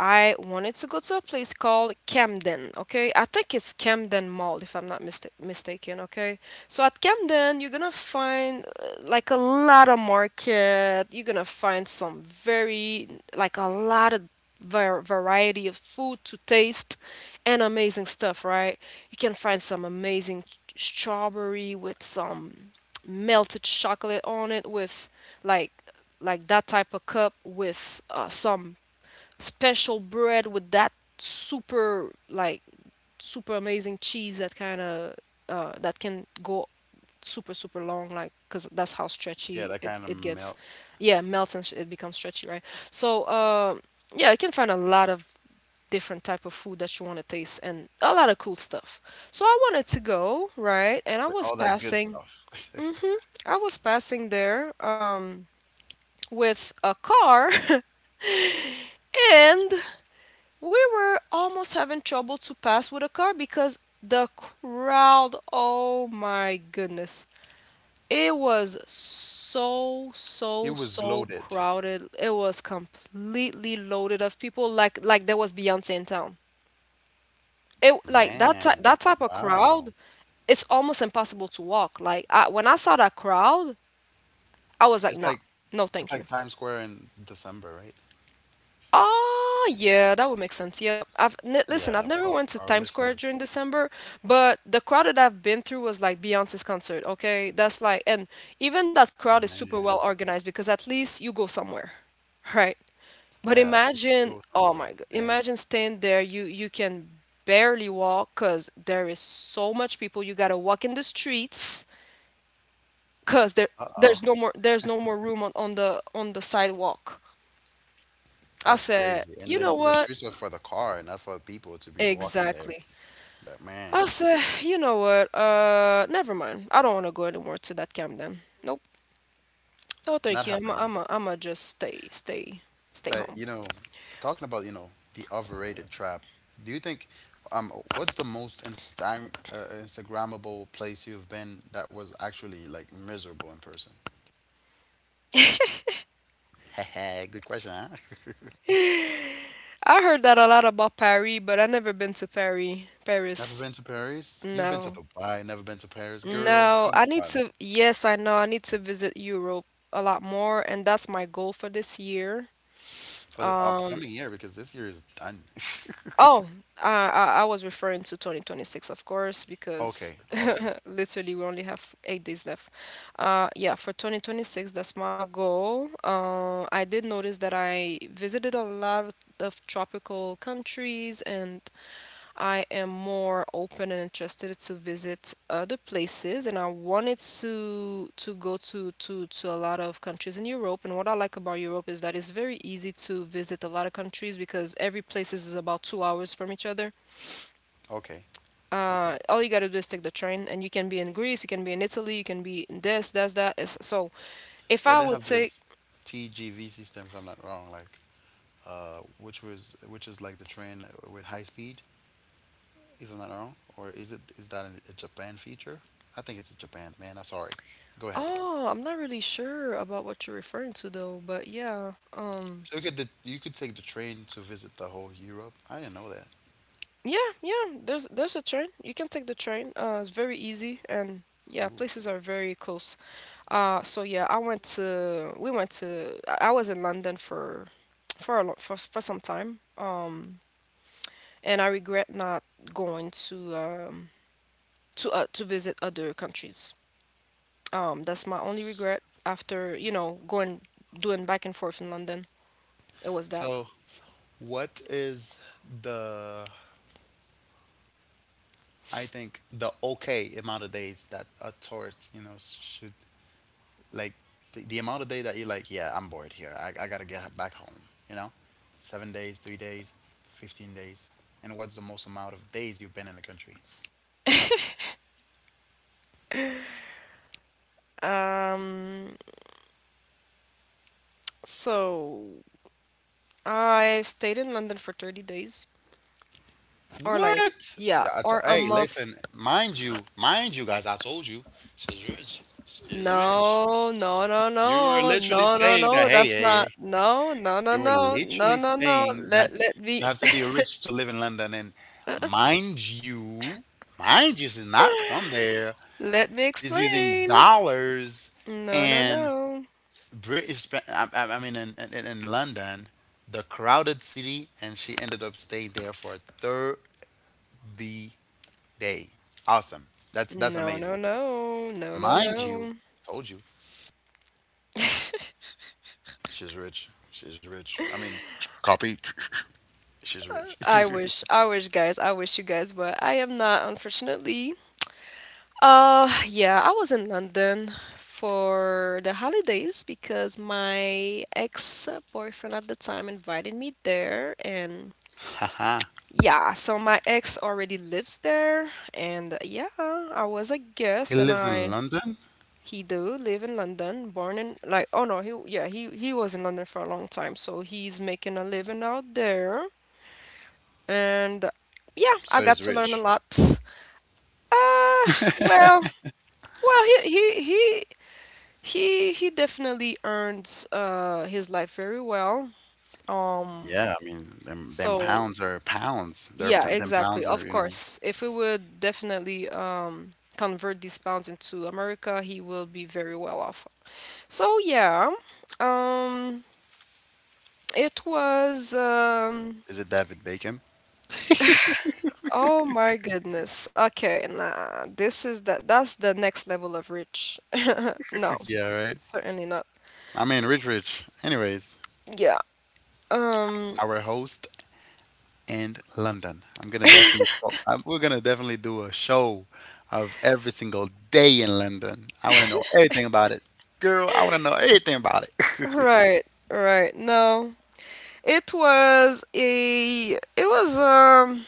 Speaker 1: I wanted to go to a place called Camden, okay? I think it's Camden Mall, if I'm not mista- mistaken, okay? So at Camden, you're gonna find uh, like a lot of market. You're gonna find some very, like a lot of var- variety of food to taste and amazing stuff, right? You can find some amazing strawberry with some melted chocolate on it with like like that type of cup with uh, some special bread with that super like super amazing cheese that kind of uh, that can go super super long like because that's how
Speaker 2: Yeah,
Speaker 1: stretchy
Speaker 2: that
Speaker 1: it,
Speaker 2: kind of
Speaker 1: it gets.
Speaker 2: melt.
Speaker 1: Yeah, melts and sh- it becomes stretchy, right? So uh, yeah, you can find a lot of different type of food that you want to taste and a lot of cool stuff. So I wanted to go, right, and I
Speaker 2: With
Speaker 1: was
Speaker 2: all that good
Speaker 1: passing.
Speaker 2: stuff. (laughs)
Speaker 1: Mhm. I was passing there, um, with a car (laughs) and we were almost having trouble to pass with a car because the crowd, oh my goodness, it was so,
Speaker 2: It
Speaker 1: so,
Speaker 2: was
Speaker 1: so
Speaker 2: loaded.
Speaker 1: crowded. It was completely loaded of people, like like there was Beyonce in town. It, like, that type that
Speaker 2: Man,
Speaker 1: type of crowd,
Speaker 2: wow.
Speaker 1: it's almost impossible to walk. Like I, when I saw that crowd, I was like,
Speaker 2: It's
Speaker 1: nah,
Speaker 2: like
Speaker 1: no,
Speaker 2: it's
Speaker 1: thank you.
Speaker 2: like Times Square in December, right?
Speaker 1: Ah, yeah, that would make sense. Yep. I've n Listen, I've
Speaker 2: Yeah,
Speaker 1: never
Speaker 2: for
Speaker 1: went to
Speaker 2: our
Speaker 1: Times Square during
Speaker 2: listeners.
Speaker 1: December, but the crowd that I've been through was like Beyonce's concert, okay? That's like, and even that crowd is super well
Speaker 2: Man.
Speaker 1: organized because at least you go somewhere, (laughs) right? But
Speaker 2: Yeah, at least
Speaker 1: imagine,
Speaker 2: go
Speaker 1: oh
Speaker 2: somewhere.
Speaker 1: my God,
Speaker 2: Man.
Speaker 1: imagine staying there, you you can barely walk because there is so much people. You gotta walk in the streets because there there's
Speaker 2: Uh-oh.
Speaker 1: no more there's no more room on, on the on the sidewalk. I
Speaker 2: That's
Speaker 1: said,
Speaker 2: crazy.
Speaker 1: you
Speaker 2: And
Speaker 1: know
Speaker 2: then the
Speaker 1: what?
Speaker 2: streets are for the car, not for people to be walking there.
Speaker 1: Exactly.
Speaker 2: But
Speaker 1: I
Speaker 2: man,
Speaker 1: say, you know what? Uh, never mind. I don't want to go anymore to that camp then. Nope. No,
Speaker 2: not
Speaker 1: thank you. I'm i
Speaker 2: happening.
Speaker 1: I'm i I'm gonna just stay, stay, stay
Speaker 2: But
Speaker 1: home.
Speaker 2: you know, talking about you know the overrated trap. Do you think um what's the most Insta- uh, Instagrammable place you've been that was actually like miserable in person? (laughs) Good question, huh?
Speaker 1: I heard that a lot about Paris, but I never been to Paris.
Speaker 2: (laughs) Never
Speaker 1: Paris.
Speaker 2: been to Paris? You've been to
Speaker 1: No.
Speaker 2: Dubai, never been to Paris, girl.
Speaker 1: No,
Speaker 2: Come
Speaker 1: I need
Speaker 2: on.
Speaker 1: to. Yes, I know. I need to visit Europe a lot more, and that's my goal for this year.
Speaker 2: For the upcoming year, because this year is done. (laughs)
Speaker 1: Oh, uh, I, I was referring to twenty twenty-six, of course, because
Speaker 2: Okay, awesome.
Speaker 1: (laughs) literally we only have eight days left. Uh, yeah, for twenty twenty-six, that's my goal. Uh, I did notice that I visited a lot of tropical countries, and I am more open and interested to visit other places, and I wanted to to go to to to a lot of countries in Europe. And what I like about Europe is that it's very easy to visit a lot of countries because every place is about two hours from each other.
Speaker 2: Okay,
Speaker 1: Uh,
Speaker 2: okay.
Speaker 1: all you gotta do is take the train, and you can be in Greece, you can be in Italy, you can be in this, that's that. It's- So if
Speaker 2: Yeah,
Speaker 1: I
Speaker 2: they
Speaker 1: would
Speaker 2: have
Speaker 1: say,
Speaker 2: this T G V system, if I'm not wrong, like uh, which was which is like the train with high speed, if I'm not wrong, or is it is that a Japan feature? I think it's Japan, man. I'm sorry. Go ahead.
Speaker 1: oh, I'm not really sure about what you're referring to though, but yeah, um.
Speaker 2: So you could the, you could take the train to visit the whole Europe. I didn't know that.
Speaker 1: Yeah, yeah. There's there's a train. You can take the train. Uh, it's very easy, and yeah,
Speaker 2: Ooh.
Speaker 1: places are very close. Uh, so yeah, I went to we went to I I was in London for for a lot for for some time. Um, and I regret not going to um to uh, to visit other countries. Um, that's my only regret after, you know, going doing back and forth in London. It was that.
Speaker 2: So what is the I think the okay amount of days that a tourist you know should like the, the amount of day that you're like yeah I'm bored here, I, I gotta get back home, you know seven days, three days, fifteen days, and what's the most amount of days you've been in a country?
Speaker 1: Um, so I stayed in London for thirty days. Or like,
Speaker 2: What?
Speaker 1: yeah,
Speaker 2: I to-
Speaker 1: or a
Speaker 2: hey,
Speaker 1: month.
Speaker 2: listen, mind you, mind you, guys, I told you she's rich. She's rich.
Speaker 1: No, no, no,
Speaker 2: You were
Speaker 1: no,
Speaker 2: literally
Speaker 1: no, no,
Speaker 2: saying
Speaker 1: no.
Speaker 2: that, hey,
Speaker 1: That's
Speaker 2: hey,
Speaker 1: not.
Speaker 2: hey.
Speaker 1: No, no, no,
Speaker 2: You were
Speaker 1: no, no,
Speaker 2: literally
Speaker 1: no, no.
Speaker 2: saying
Speaker 1: Let
Speaker 2: that
Speaker 1: let me
Speaker 2: you have to be rich to live in London. And mind you, mind you, she's not from there.
Speaker 1: (laughs) let me
Speaker 2: She's using
Speaker 1: explain.
Speaker 2: dollars
Speaker 1: No, no,
Speaker 2: and
Speaker 1: no.
Speaker 2: British, pa- I, I I mean, in, in, in London, the crowded city, and she ended up staying there for thirty day. Awesome. That's that's
Speaker 1: No, no,
Speaker 2: amazing.
Speaker 1: no, no, no,
Speaker 2: Mind you,
Speaker 1: no.
Speaker 2: told you she's rich. She's rich. I mean, copy. (laughs) She's rich.
Speaker 1: I
Speaker 2: (laughs)
Speaker 1: wish, I wish, guys, I wish you guys, but I am not, unfortunately. Uh, yeah, I was in London for the holidays because my ex-boyfriend at the time invited me there, and
Speaker 2: Haha.
Speaker 1: yeah, so my ex already lives there, and yeah, I was a
Speaker 2: He
Speaker 1: guest, and
Speaker 2: lives in
Speaker 1: I
Speaker 2: London,
Speaker 1: he do live in London, born in like, oh no, he yeah he he was in London for a long time, so he's making a living out there, and yeah, I
Speaker 2: so
Speaker 1: got
Speaker 2: he's
Speaker 1: to learn a
Speaker 2: rich.
Speaker 1: lot. Uh, well, well, he he he he he definitely earns uh his life very well. Um,
Speaker 2: Yeah, I mean, them them
Speaker 1: so
Speaker 2: pounds are pounds. They're
Speaker 1: yeah,
Speaker 2: p- them
Speaker 1: exactly.
Speaker 2: pounds are
Speaker 1: Of
Speaker 2: you know.
Speaker 1: course. If we would definitely um, convert these pounds into America, he will be very well off. So yeah, um, it was. Um,
Speaker 2: Is it David Bacon? (laughs)
Speaker 1: oh my goodness. Okay, nah. This is that. That's the next level of rich. (laughs) No,
Speaker 2: Yeah, right.
Speaker 1: certainly not.
Speaker 2: I mean, rich, rich. Anyways,
Speaker 1: Yeah. Um.
Speaker 2: our host and London. I'm gonna definitely call, I we're gonna definitely do a show of every single day in London. I want to know everything about it, girl. I want to know everything about it. (laughs)
Speaker 1: Right. Right. No. It was a. It was um.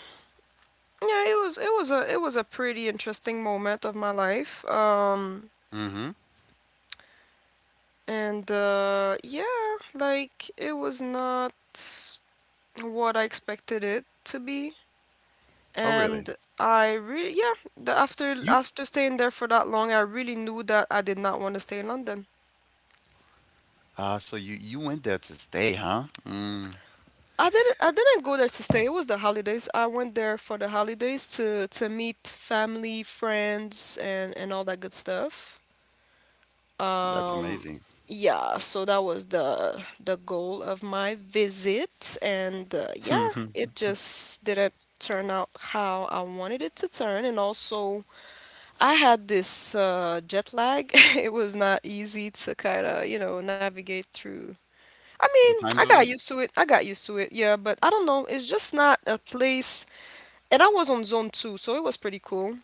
Speaker 1: Yeah, it was it was a it was a pretty interesting moment of my life. Um,
Speaker 2: Mm-hmm.
Speaker 1: and uh, yeah, like it was not what I expected it to be.
Speaker 2: Oh, really?
Speaker 1: And I really yeah, the, after
Speaker 2: You?
Speaker 1: after staying there for that long, I really knew that I did not want to stay in London.
Speaker 2: Uh, so you you went there to stay, huh? Mm,
Speaker 1: I didn't I didn't go there to stay. It was the holidays. I went there for the holidays to to meet family, friends, and and all that good stuff.
Speaker 2: that's
Speaker 1: Um,
Speaker 2: amazing.
Speaker 1: yeah, so that was the the goal of my visit, and uh,
Speaker 2: (laughs)
Speaker 1: yeah,
Speaker 2: The
Speaker 1: it just didn't turn out how I wanted it to turn, and also I had this uh, jet lag. (laughs) It was not easy to kind of, you know, navigate through. I mean, I
Speaker 2: time
Speaker 1: got
Speaker 2: zones?
Speaker 1: used to it. I got used to it, yeah, but I don't know. It's just not a place, and I was on zone two, so it was pretty cool.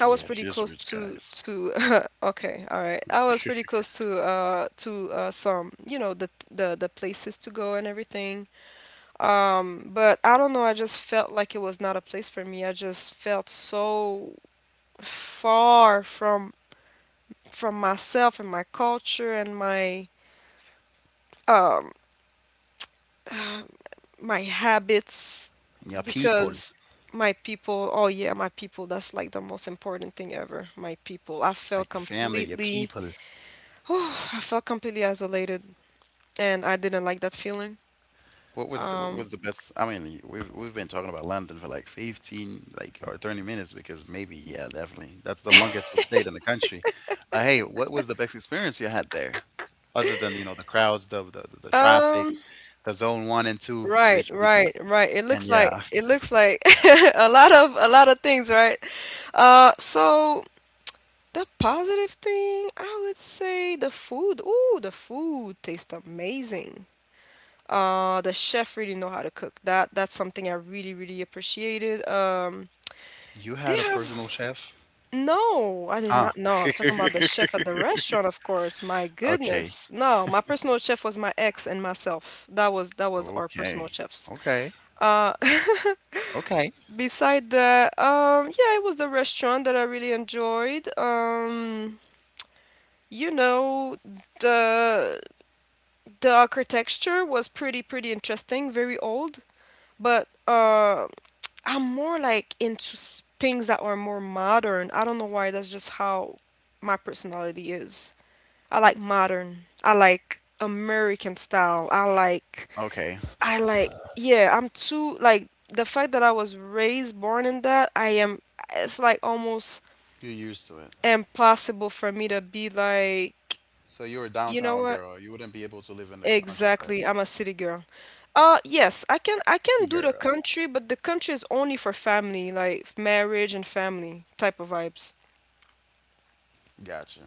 Speaker 1: I was
Speaker 2: Yeah,
Speaker 1: pretty
Speaker 2: just
Speaker 1: close
Speaker 2: rich
Speaker 1: to
Speaker 2: guys.
Speaker 1: to (laughs) okay, all right. I was pretty close to uh to uh some, you know, the the the places to go and everything. Um, but I don't know, I just felt like it was not a place for me. I just felt so far from from myself and my culture and my um (sighs) my habits
Speaker 2: Your people,
Speaker 1: because my people, oh yeah, my people, that's like the most important thing ever. My people. I
Speaker 2: like
Speaker 1: felt
Speaker 2: your family, your
Speaker 1: completely
Speaker 2: people.
Speaker 1: (sighs) whew, I felt completely isolated, and I didn't like that feeling.
Speaker 2: What was the, what was the best? I mean, we've we've been talking about London for like fifteen, like or thirty minutes because maybe, yeah, definitely. That's the longest you stayed in the country. But hey, what was the best experience you had there? Other than, you know, the crowds, the the, the traffic,
Speaker 1: Um,
Speaker 2: the zone one and two,
Speaker 1: right,
Speaker 2: rich people.
Speaker 1: right, right. It
Speaker 2: And
Speaker 1: looks like
Speaker 2: yeah,
Speaker 1: it looks like (laughs) a lot of a lot of things, right? Uh, so the positive thing, I would say the food. Ooh, the food tastes amazing. Uh, the chef really know how to cook. That that's something I really, really appreciated. Um,
Speaker 2: (laughs) you
Speaker 1: they
Speaker 2: had a personal
Speaker 1: have.
Speaker 2: chef?
Speaker 1: No, I did
Speaker 2: Ah.
Speaker 1: not know. I'm talking about the
Speaker 2: (laughs)
Speaker 1: chef at the restaurant, of course. My
Speaker 2: Okay.
Speaker 1: goodness. No, my personal chef was my ex and myself. That was that was our personal
Speaker 2: Okay.
Speaker 1: chefs.
Speaker 2: Okay.
Speaker 1: Uh (laughs)
Speaker 2: Okay.
Speaker 1: Beside that, um yeah, it was the restaurant that I really enjoyed. Um you know, the the architecture was pretty pretty interesting, very old, but uh I'm more like into s- things that are more modern. I don't know why, that's just how my personality is. I like modern. I like American style. I like
Speaker 2: Okay.
Speaker 1: I like, yeah, I'm too like the fact that I was raised born in that, I am it's like almost
Speaker 2: You're used to it.
Speaker 1: impossible for me to be like,
Speaker 2: So you're a
Speaker 1: you know
Speaker 2: downtown
Speaker 1: what?
Speaker 2: girl. You wouldn't be able to live in the countryside.
Speaker 1: Exactly. I'm a city girl. Uh yes, I can I
Speaker 2: City
Speaker 1: can do the
Speaker 2: girl.
Speaker 1: country, but the country is only for family, like marriage and family type of vibes.
Speaker 2: Gotcha.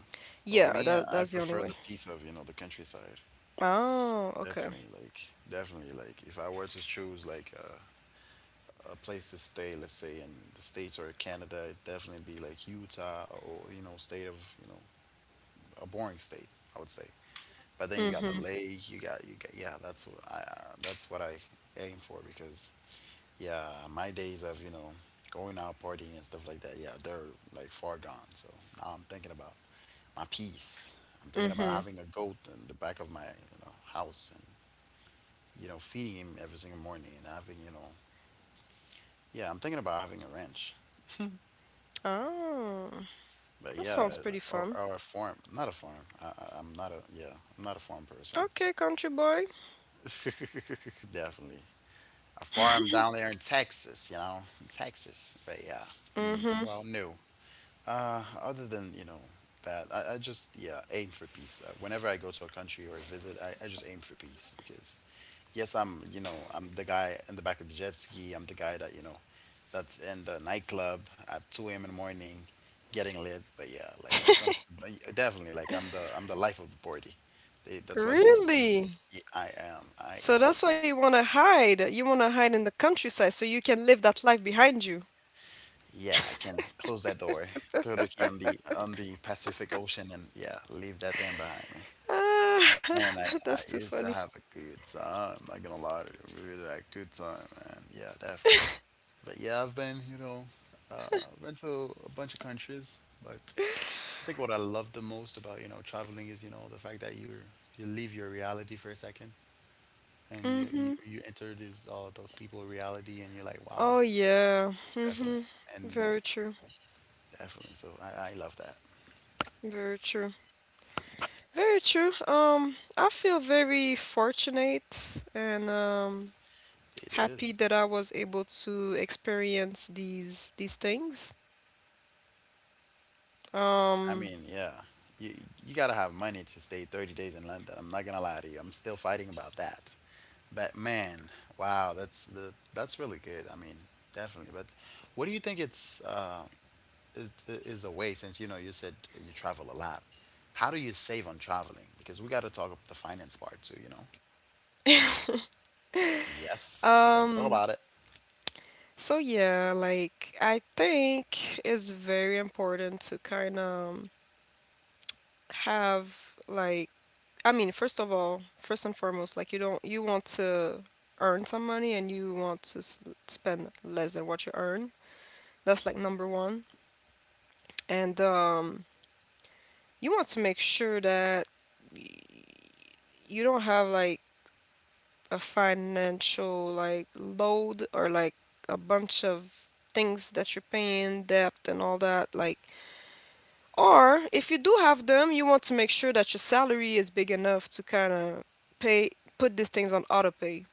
Speaker 2: Well,
Speaker 1: Yeah,
Speaker 2: me, I
Speaker 1: that
Speaker 2: I
Speaker 1: that's the only
Speaker 2: prefer the
Speaker 1: way.
Speaker 2: peace of, you know, the countryside.
Speaker 1: Oh,
Speaker 2: That's
Speaker 1: okay.
Speaker 2: me. Like, definitely. Like, if I were to choose like a, a place to stay, let's say in the States or Canada, it'd definitely be like Utah or, you know, state of, you know, a boring state, I would say. But then you got
Speaker 1: Mm-hmm.
Speaker 2: the lake, you got, you got, yeah, that's what I, uh, that's what I aim for because, yeah, my days of, you know, going out partying and stuff like that, yeah, they're like far gone. So now I'm thinking about my peace. I'm thinking about
Speaker 1: Mm-hmm.
Speaker 2: having a goat in the back of my you know house and you know feeding him every single morning and having you know yeah I'm thinking about having a ranch.
Speaker 1: Oh.
Speaker 2: But
Speaker 1: That
Speaker 2: yeah,
Speaker 1: sounds
Speaker 2: uh,
Speaker 1: pretty
Speaker 2: or,
Speaker 1: fun.
Speaker 2: or a farm. Not a farm. I, I, I'm not a yeah. I'm not a farm person.
Speaker 1: Okay, country boy.
Speaker 2: (laughs) Definitely a farm down there in Texas. You know, in Texas. But yeah. Mm,
Speaker 1: Mm-hmm.
Speaker 2: well, no. Uh, other than, you know, that, I, I just, yeah, aim for peace. Uh, whenever I go to a country or visit, I, I just aim for peace because, yes, I'm, you know, I'm the guy in the back of the jet ski. I'm the guy that, you know, that's in the nightclub at two a m in the morning getting lit. But yeah, like when it comes to, but yeah, definitely, like I'm the, I'm the life of the party. They, that's what they use.
Speaker 1: Really?
Speaker 2: Yeah, I am. I
Speaker 1: So
Speaker 2: am.
Speaker 1: that's why you want to hide. You want to hide in the countryside so you can live that life behind you.
Speaker 2: Yeah, I can close that door, throw the key on the on the Pacific Ocean, and yeah, leave that thing behind.
Speaker 1: Ah,
Speaker 2: Man,
Speaker 1: (laughs)
Speaker 2: I,
Speaker 1: that's
Speaker 2: I
Speaker 1: too
Speaker 2: used
Speaker 1: funny.
Speaker 2: to have a good time. Not gonna lie to you, really a good time, man. Yeah, definitely. But yeah, I've been, you know, uh, been to a bunch of countries. But I think what I love the most about, you know, traveling is, you know, the fact that you you leave your reality for a second and you
Speaker 1: Mm-hmm.
Speaker 2: you, you enter this uh, those people reality and you're like, wow,
Speaker 1: Oh yeah. Mm-hmm.
Speaker 2: definitely, and
Speaker 1: Very true.
Speaker 2: definitely. So I, I love that.
Speaker 1: Very true. Very true. Um, I feel very fortunate and um
Speaker 2: It
Speaker 1: happy
Speaker 2: is.
Speaker 1: that I was able to experience these these things.
Speaker 2: I
Speaker 1: Um,
Speaker 2: mean, yeah. You you gotta have money to stay thirty days in London. I'm not gonna lie to you. I'm still fighting about that. But man, wow, that's the that's really good. I mean, definitely. But what do you think it's uh, is is a way? Since you know you said you travel a lot, how do you save on traveling? Because we got to talk about the finance part too. You know. Yes, we got to talk
Speaker 1: um,
Speaker 2: about it.
Speaker 1: So yeah, like I think it's very important to kind of have like, I mean, first of all, first and foremost, like you don't you want to earn some money and you want to s- spend less than what you earn. That's like number one. And um you want to make sure that y- you don't have like a financial like load or like a bunch of things that you're paying debt and all that like. Or if you do have them, you want to make sure that your salary is big enough to kind of pay put these things on auto pay.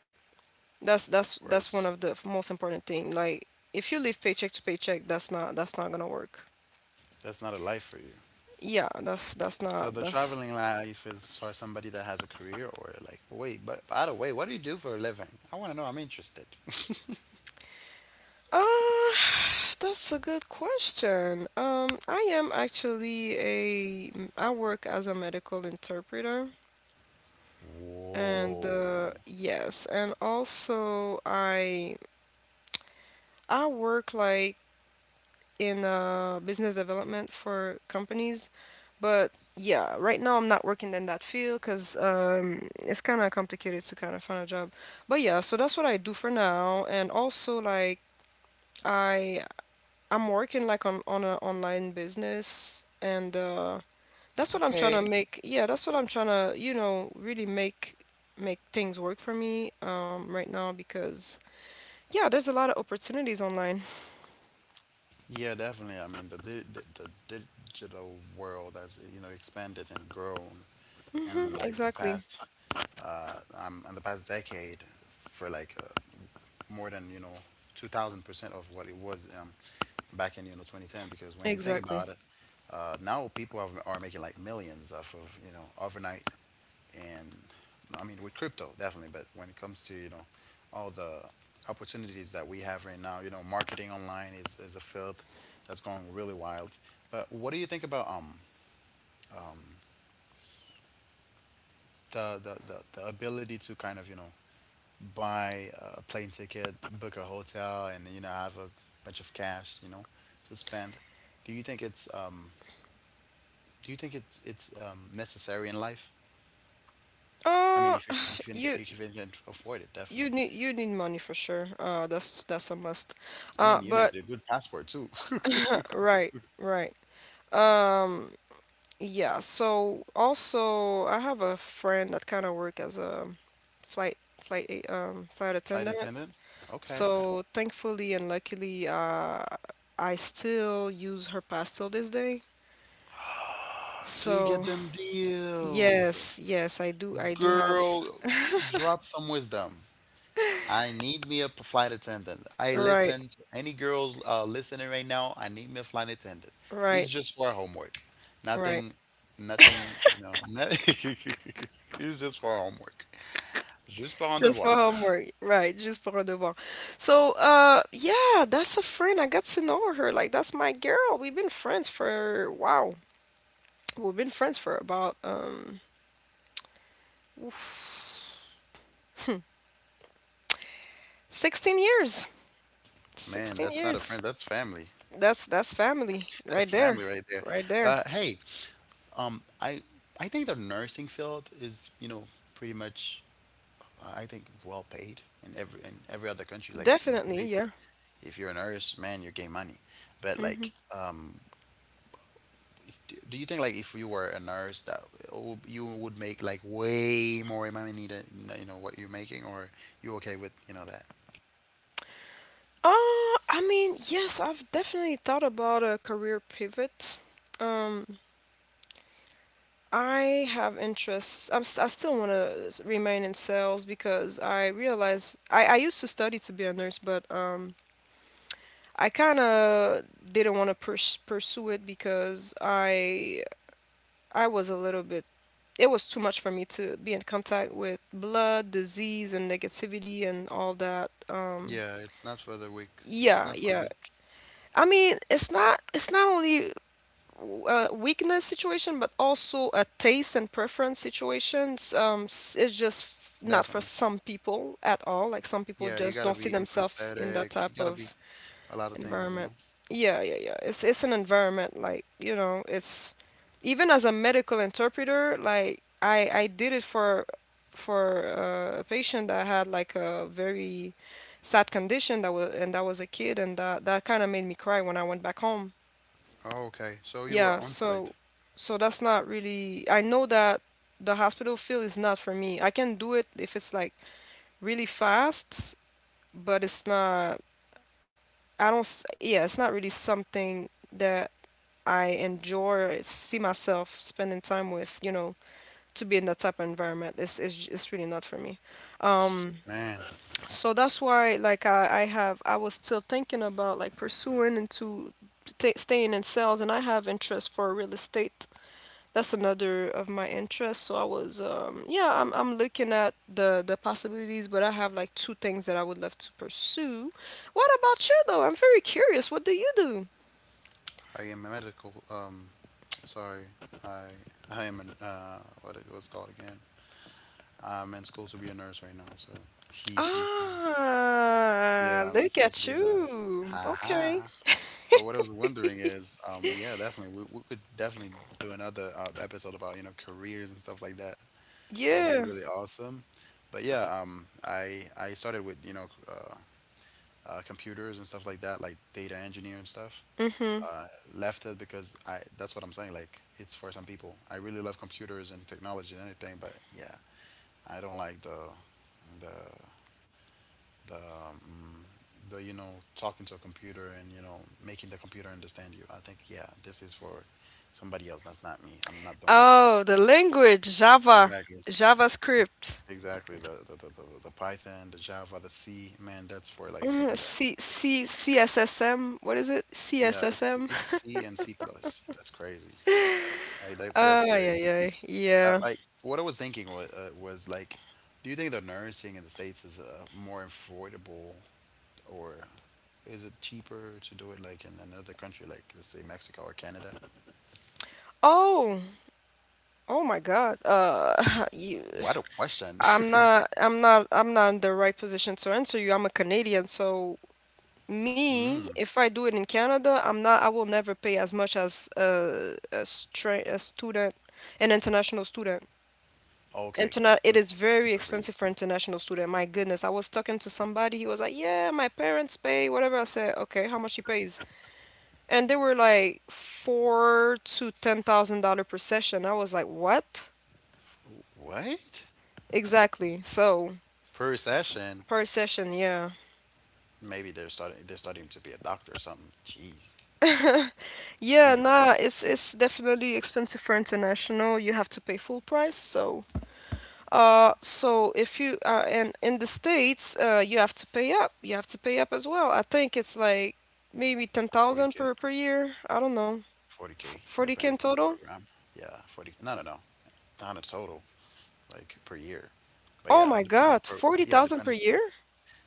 Speaker 1: That's
Speaker 2: Of
Speaker 1: that's that's one
Speaker 2: course,
Speaker 1: of the most important thing. Like if you
Speaker 2: of
Speaker 1: live paycheck to
Speaker 2: course.
Speaker 1: paycheck, that's not that's not gonna work.
Speaker 2: That's not a life for you.
Speaker 1: Yeah, that's that's
Speaker 2: So
Speaker 1: not
Speaker 2: the
Speaker 1: that's
Speaker 2: traveling life is for somebody that has a career or like, wait, but by the way, what do you do for a living? I want to know. I'm interested.
Speaker 1: uh that's a good question. Um, I am actually a I work as a medical interpreter,
Speaker 2: (laughs)
Speaker 1: and
Speaker 2: Whoa.
Speaker 1: uh yes, and also I I work like in uh, business development for companies. But yeah, right now I'm not working in that field because um, it's kind of complicated to kind of find a job. But yeah, so that's what I do for now. And also like I I'm working like on on an online business, and uh, that's what I'm trying to
Speaker 2: Okay.
Speaker 1: make. Yeah, that's what I'm trying to, you know, really make make things work for me, um, right now because yeah, there's a lot of opportunities online.
Speaker 2: Yeah, definitely. I mean, the di- the, the digital world has you know expanded and grown,
Speaker 1: (laughs) Hmm,
Speaker 2: and like the
Speaker 1: exactly.
Speaker 2: past, uh, um, in the past decade, for like uh, more than you know two thousand percent of what it was um, back in you know twenty ten. Because when you think
Speaker 1: Exactly.
Speaker 2: about it, uh, now people have, are making like millions off of you know overnight, and I mean with crypto definitely. But when it comes to you know all the opportunities that we have right now, you know marketing online is, is a field that's going really wild. But what do you think about um the, the, the, the ability to kind of you know buy a plane ticket, book a hotel, and you know have a bunch of cash, you know, to spend. Do you think it's um do you think it's it's um necessary in life? I mean,
Speaker 1: Uh,
Speaker 2: if you can if you can,
Speaker 1: you
Speaker 2: if you can afford it,
Speaker 1: you
Speaker 2: definitely.
Speaker 1: need you need money for sure. Uh, that's that's a must.
Speaker 2: I mean,
Speaker 1: Uh,
Speaker 2: you need a
Speaker 1: but
Speaker 2: good passport too. (laughs)
Speaker 1: Right, right. Um, yeah. So also, I have a friend that kind of work as a flight flight a- um flight
Speaker 2: Flight
Speaker 1: attendant.
Speaker 2: attendant. Okay.
Speaker 1: So thankfully and luckily, uh, I still use her pass till this day.
Speaker 2: So you get
Speaker 1: So
Speaker 2: them deals.
Speaker 1: yes, yes, I do. I do have.
Speaker 2: Girl, drop some wisdom. I need me a p- flight attendant. I
Speaker 1: Right,
Speaker 2: listen to any girls uh, listening right now. I need me a flight attendant. It's
Speaker 1: right,
Speaker 2: just for homework.
Speaker 1: right.
Speaker 2: Nothing, nothing, you know. (laughs) nothing- it's just for homework. Juste pour un
Speaker 1: Just for
Speaker 2: devoir.
Speaker 1: homework, right? Just for a devoir. So, uh, yeah, that's a friend. I got to know her. Like, that's my girl. We've been friends for wow. We've been friends for about um, oof, sixteen years.
Speaker 2: Man,
Speaker 1: sixteen
Speaker 2: that's not a
Speaker 1: years.
Speaker 2: friend. That's family.
Speaker 1: That's that's family
Speaker 2: (laughs)
Speaker 1: right
Speaker 2: That's
Speaker 1: there.
Speaker 2: family right there.
Speaker 1: Right there.
Speaker 2: But hey, um, I I think the nursing field is you know pretty much uh, I think well paid in every in every other country like in the
Speaker 1: Definitely,
Speaker 2: States.
Speaker 1: yeah.
Speaker 2: If you're a nurse, man, you're getting money. But
Speaker 1: Mm-hmm.
Speaker 2: like um, if- do do you think like if you were a nurse that w- you would make like way more money than you know what you're making, or you okay with you know that?
Speaker 1: Uh, I mean, yes, I've definitely thought about a career pivot. Um, I have interests. I'm, s- I still want to remain in sales because I realize I, I used to study to be a nurse, but um, I kind of didn't want to pers- pursue it because I I was a little bit it was too much for me to be in contact with blood, disease, and negativity and all that. Um,
Speaker 2: Yeah, it's not for the weak. It's
Speaker 1: yeah,
Speaker 2: not for the
Speaker 1: yeah.
Speaker 2: weak.
Speaker 1: I mean, it's not it's not only a weakness situation, but also a taste and preference situations. Um, s- it's just f- not for
Speaker 2: Definitely.
Speaker 1: some people at all. Like some people
Speaker 2: Yeah, you
Speaker 1: just
Speaker 2: gotta
Speaker 1: don't see
Speaker 2: be
Speaker 1: themselves in that
Speaker 2: empathetic. You
Speaker 1: type
Speaker 2: gotta be
Speaker 1: of
Speaker 2: a lot of things, you
Speaker 1: environment.
Speaker 2: know.
Speaker 1: Yeah, yeah, yeah. It's it's an environment like, you know, it's even as a medical interpreter, like I I did it for for uh, a patient that had like a very sad condition that was and that was a kid and that that kind of made me cry when I went back home
Speaker 2: Oh, Okay, so you were
Speaker 1: yeah,
Speaker 2: on site.
Speaker 1: so so that's not really I know that the hospital field is not for me. I can do it if it's like really fast, but it's not I don't s- yeah, it's not really something that I enjoy or see myself spending time with, you know, to be in that type of environment. It's it's j- it's really not for me. Um,
Speaker 2: Man,
Speaker 1: so that's why like I I have I was still thinking about like pursuing into t staying in sales and I have interest for real estate, that's another of my interests. So I was, um, yeah, I'm, I'm looking at the the possibilities, but I have like two things that I would love to pursue. What about you though? I'm very curious. What do you do?
Speaker 2: I am a medical. Um, sorry, I I am an uh what it was called again. I'm in school to be a nurse right now. So he he he.
Speaker 1: Ah,
Speaker 2: Yeah, I'm in
Speaker 1: look
Speaker 2: school to
Speaker 1: at
Speaker 2: be a nurse.
Speaker 1: you.
Speaker 2: Ha
Speaker 1: Okay.
Speaker 2: ha. But what I was wondering is, um, yeah, definitely, we, we could definitely do another uh, episode about, you know, careers and stuff like that. That would be
Speaker 1: Yeah.
Speaker 2: really awesome. But yeah, um, I I started with, you know, uh, uh, computers and stuff like that, like data engineer and stuff.
Speaker 1: Mm-hmm.
Speaker 2: Uh, left it because I that's what I'm saying. Like it's for some people. I really love computers and technology and everything, but yeah, I don't like the the the, um, the you know talking to a computer and you know making the computer understand you. I think yeah, this is for somebody else. That's not me. I'm not doing it.
Speaker 1: Oh, the language Java,
Speaker 2: Exactly.
Speaker 1: JavaScript.
Speaker 2: Exactly. The the, the, the, the Python, the Java, the C. Man, that's for like
Speaker 1: Mm,
Speaker 2: yeah
Speaker 1: C C C S S M. What is it?
Speaker 2: yeah. It's
Speaker 1: C S S M.
Speaker 2: it's
Speaker 1: (laughs)
Speaker 2: C and C plus. That's crazy. Like that's that's
Speaker 1: Ah, yeah,
Speaker 2: crazy.
Speaker 1: yeah,
Speaker 2: I,
Speaker 1: yeah.
Speaker 2: like what I was thinking was, uh, was like, do you think the nursing in the States is uh, more affordable Or is it cheaper to do it like in another country, like let's say Mexico or Canada?
Speaker 1: Oh. Oh my God. Uh, (laughs) you,
Speaker 2: What a question.
Speaker 1: I'm
Speaker 2: (laughs)
Speaker 1: not, I'm not, I'm not in the right position to answer you. I'm a Canadian, so me,
Speaker 2: Mm,
Speaker 1: if I do it in Canada, I'm not, I will never pay as much as a, a, stra a student, an international student.
Speaker 2: okay.
Speaker 1: Interna
Speaker 2: So
Speaker 1: It
Speaker 2: it's
Speaker 1: is
Speaker 2: cheaper
Speaker 1: very
Speaker 2: for you.
Speaker 1: expensive for international student. My goodness, I was talking to somebody. He was like, "Yeah, my parents pay whatever." I said, "Okay, how much he pays?" And they were like four to ten thousand dollar per session. I was like, "What?"
Speaker 2: What?
Speaker 1: Exactly. So
Speaker 2: Per session?
Speaker 1: per session, yeah.
Speaker 2: Maybe they're starting they're starting to be a doctor or something. Jeez.
Speaker 1: Yeah,
Speaker 2: Anyway,
Speaker 1: nah, it's it's definitely expensive for international. You have to pay full price. So, uh, so if you uh, and in the States, uh, you have to pay up. You have to pay up as well. I think it's like maybe ten thousand
Speaker 2: forty K.
Speaker 1: per per year. I don't know. F
Speaker 2: forty K
Speaker 1: forty K in
Speaker 2: depends on the
Speaker 1: total?
Speaker 2: program. Yeah, forty. No, no, no. Not a total like per year. But
Speaker 1: Oh
Speaker 2: yeah, it
Speaker 1: my
Speaker 2: depends on the
Speaker 1: God,
Speaker 2: pro. Yeah,
Speaker 1: forty thousand per
Speaker 2: depends
Speaker 1: year?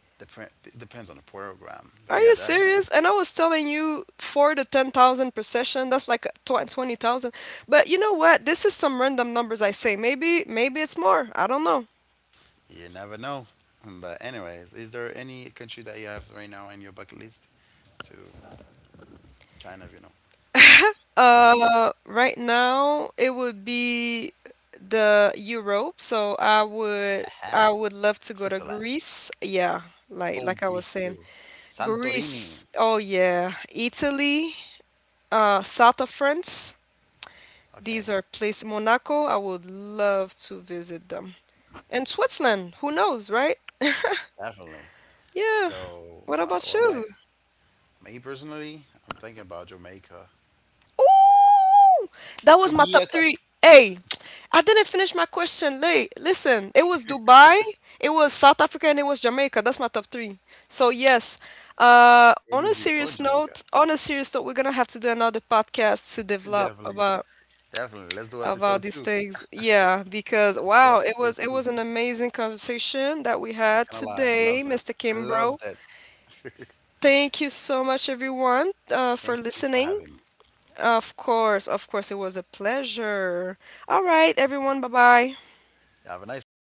Speaker 2: depend, depends on the program. But yeah,
Speaker 1: Are you
Speaker 2: definitely.
Speaker 1: serious? And I was telling you four to ten thousand per session. That's like tw- twenty thousand. But you know what? This is some random numbers I say. Maybe maybe it's more. I don't know.
Speaker 2: You never know. But anyways, is there any country that you have right now in your bucket list to kind of, you know, visit?
Speaker 1: Uh, right now it would be the Europe, so I would
Speaker 2: Haha.
Speaker 1: I would love to go to
Speaker 2: Switzerland.
Speaker 1: Greece. Yeah, like
Speaker 2: Oh,
Speaker 1: like I
Speaker 2: Greece
Speaker 1: was
Speaker 2: too.
Speaker 1: saying,
Speaker 2: Santorini.
Speaker 1: Greece. Oh yeah, Italy, uh, south of France.
Speaker 2: Okay.
Speaker 1: These are places. Monaco, I would love to visit them. And
Speaker 2: Awesome.
Speaker 1: Switzerland, who knows, right?
Speaker 2: Definitely.
Speaker 1: Yeah.
Speaker 2: So,
Speaker 1: What
Speaker 2: my,
Speaker 1: about
Speaker 2: well, my
Speaker 1: you?
Speaker 2: me personally, I'm thinking about Jamaica.
Speaker 1: Ooh, that was my top
Speaker 2: Jamaica.
Speaker 1: three. Hey, I didn't finish my question. Late. Listen, it was Dubai, it was South Africa, and it was Jamaica. That's my top three. So yes. Uh,
Speaker 2: Where
Speaker 1: on a
Speaker 2: did you go in
Speaker 1: serious
Speaker 2: Jamaica?
Speaker 1: note, on a serious note, we're gonna have to do another podcast to
Speaker 2: (laughs)
Speaker 1: develop
Speaker 2: Definitely.
Speaker 1: about
Speaker 2: Definitely. Let's do episode
Speaker 1: about these
Speaker 2: two.
Speaker 1: things. Yeah, because
Speaker 2: Let's do
Speaker 1: wow, it
Speaker 2: episode
Speaker 1: was it
Speaker 2: two.
Speaker 1: was an amazing conversation that we
Speaker 2: Not
Speaker 1: had
Speaker 2: gonna lie. Love
Speaker 1: today,
Speaker 2: it.
Speaker 1: mister
Speaker 2: Love
Speaker 1: Kimbro.
Speaker 2: it.
Speaker 1: Thank you so much, everyone, uh,
Speaker 2: Thank
Speaker 1: for
Speaker 2: you for
Speaker 1: listening.
Speaker 2: having me.
Speaker 1: Of course, of course, it was a pleasure. All right, everyone, bye bye.
Speaker 2: Have a nice one. Bye.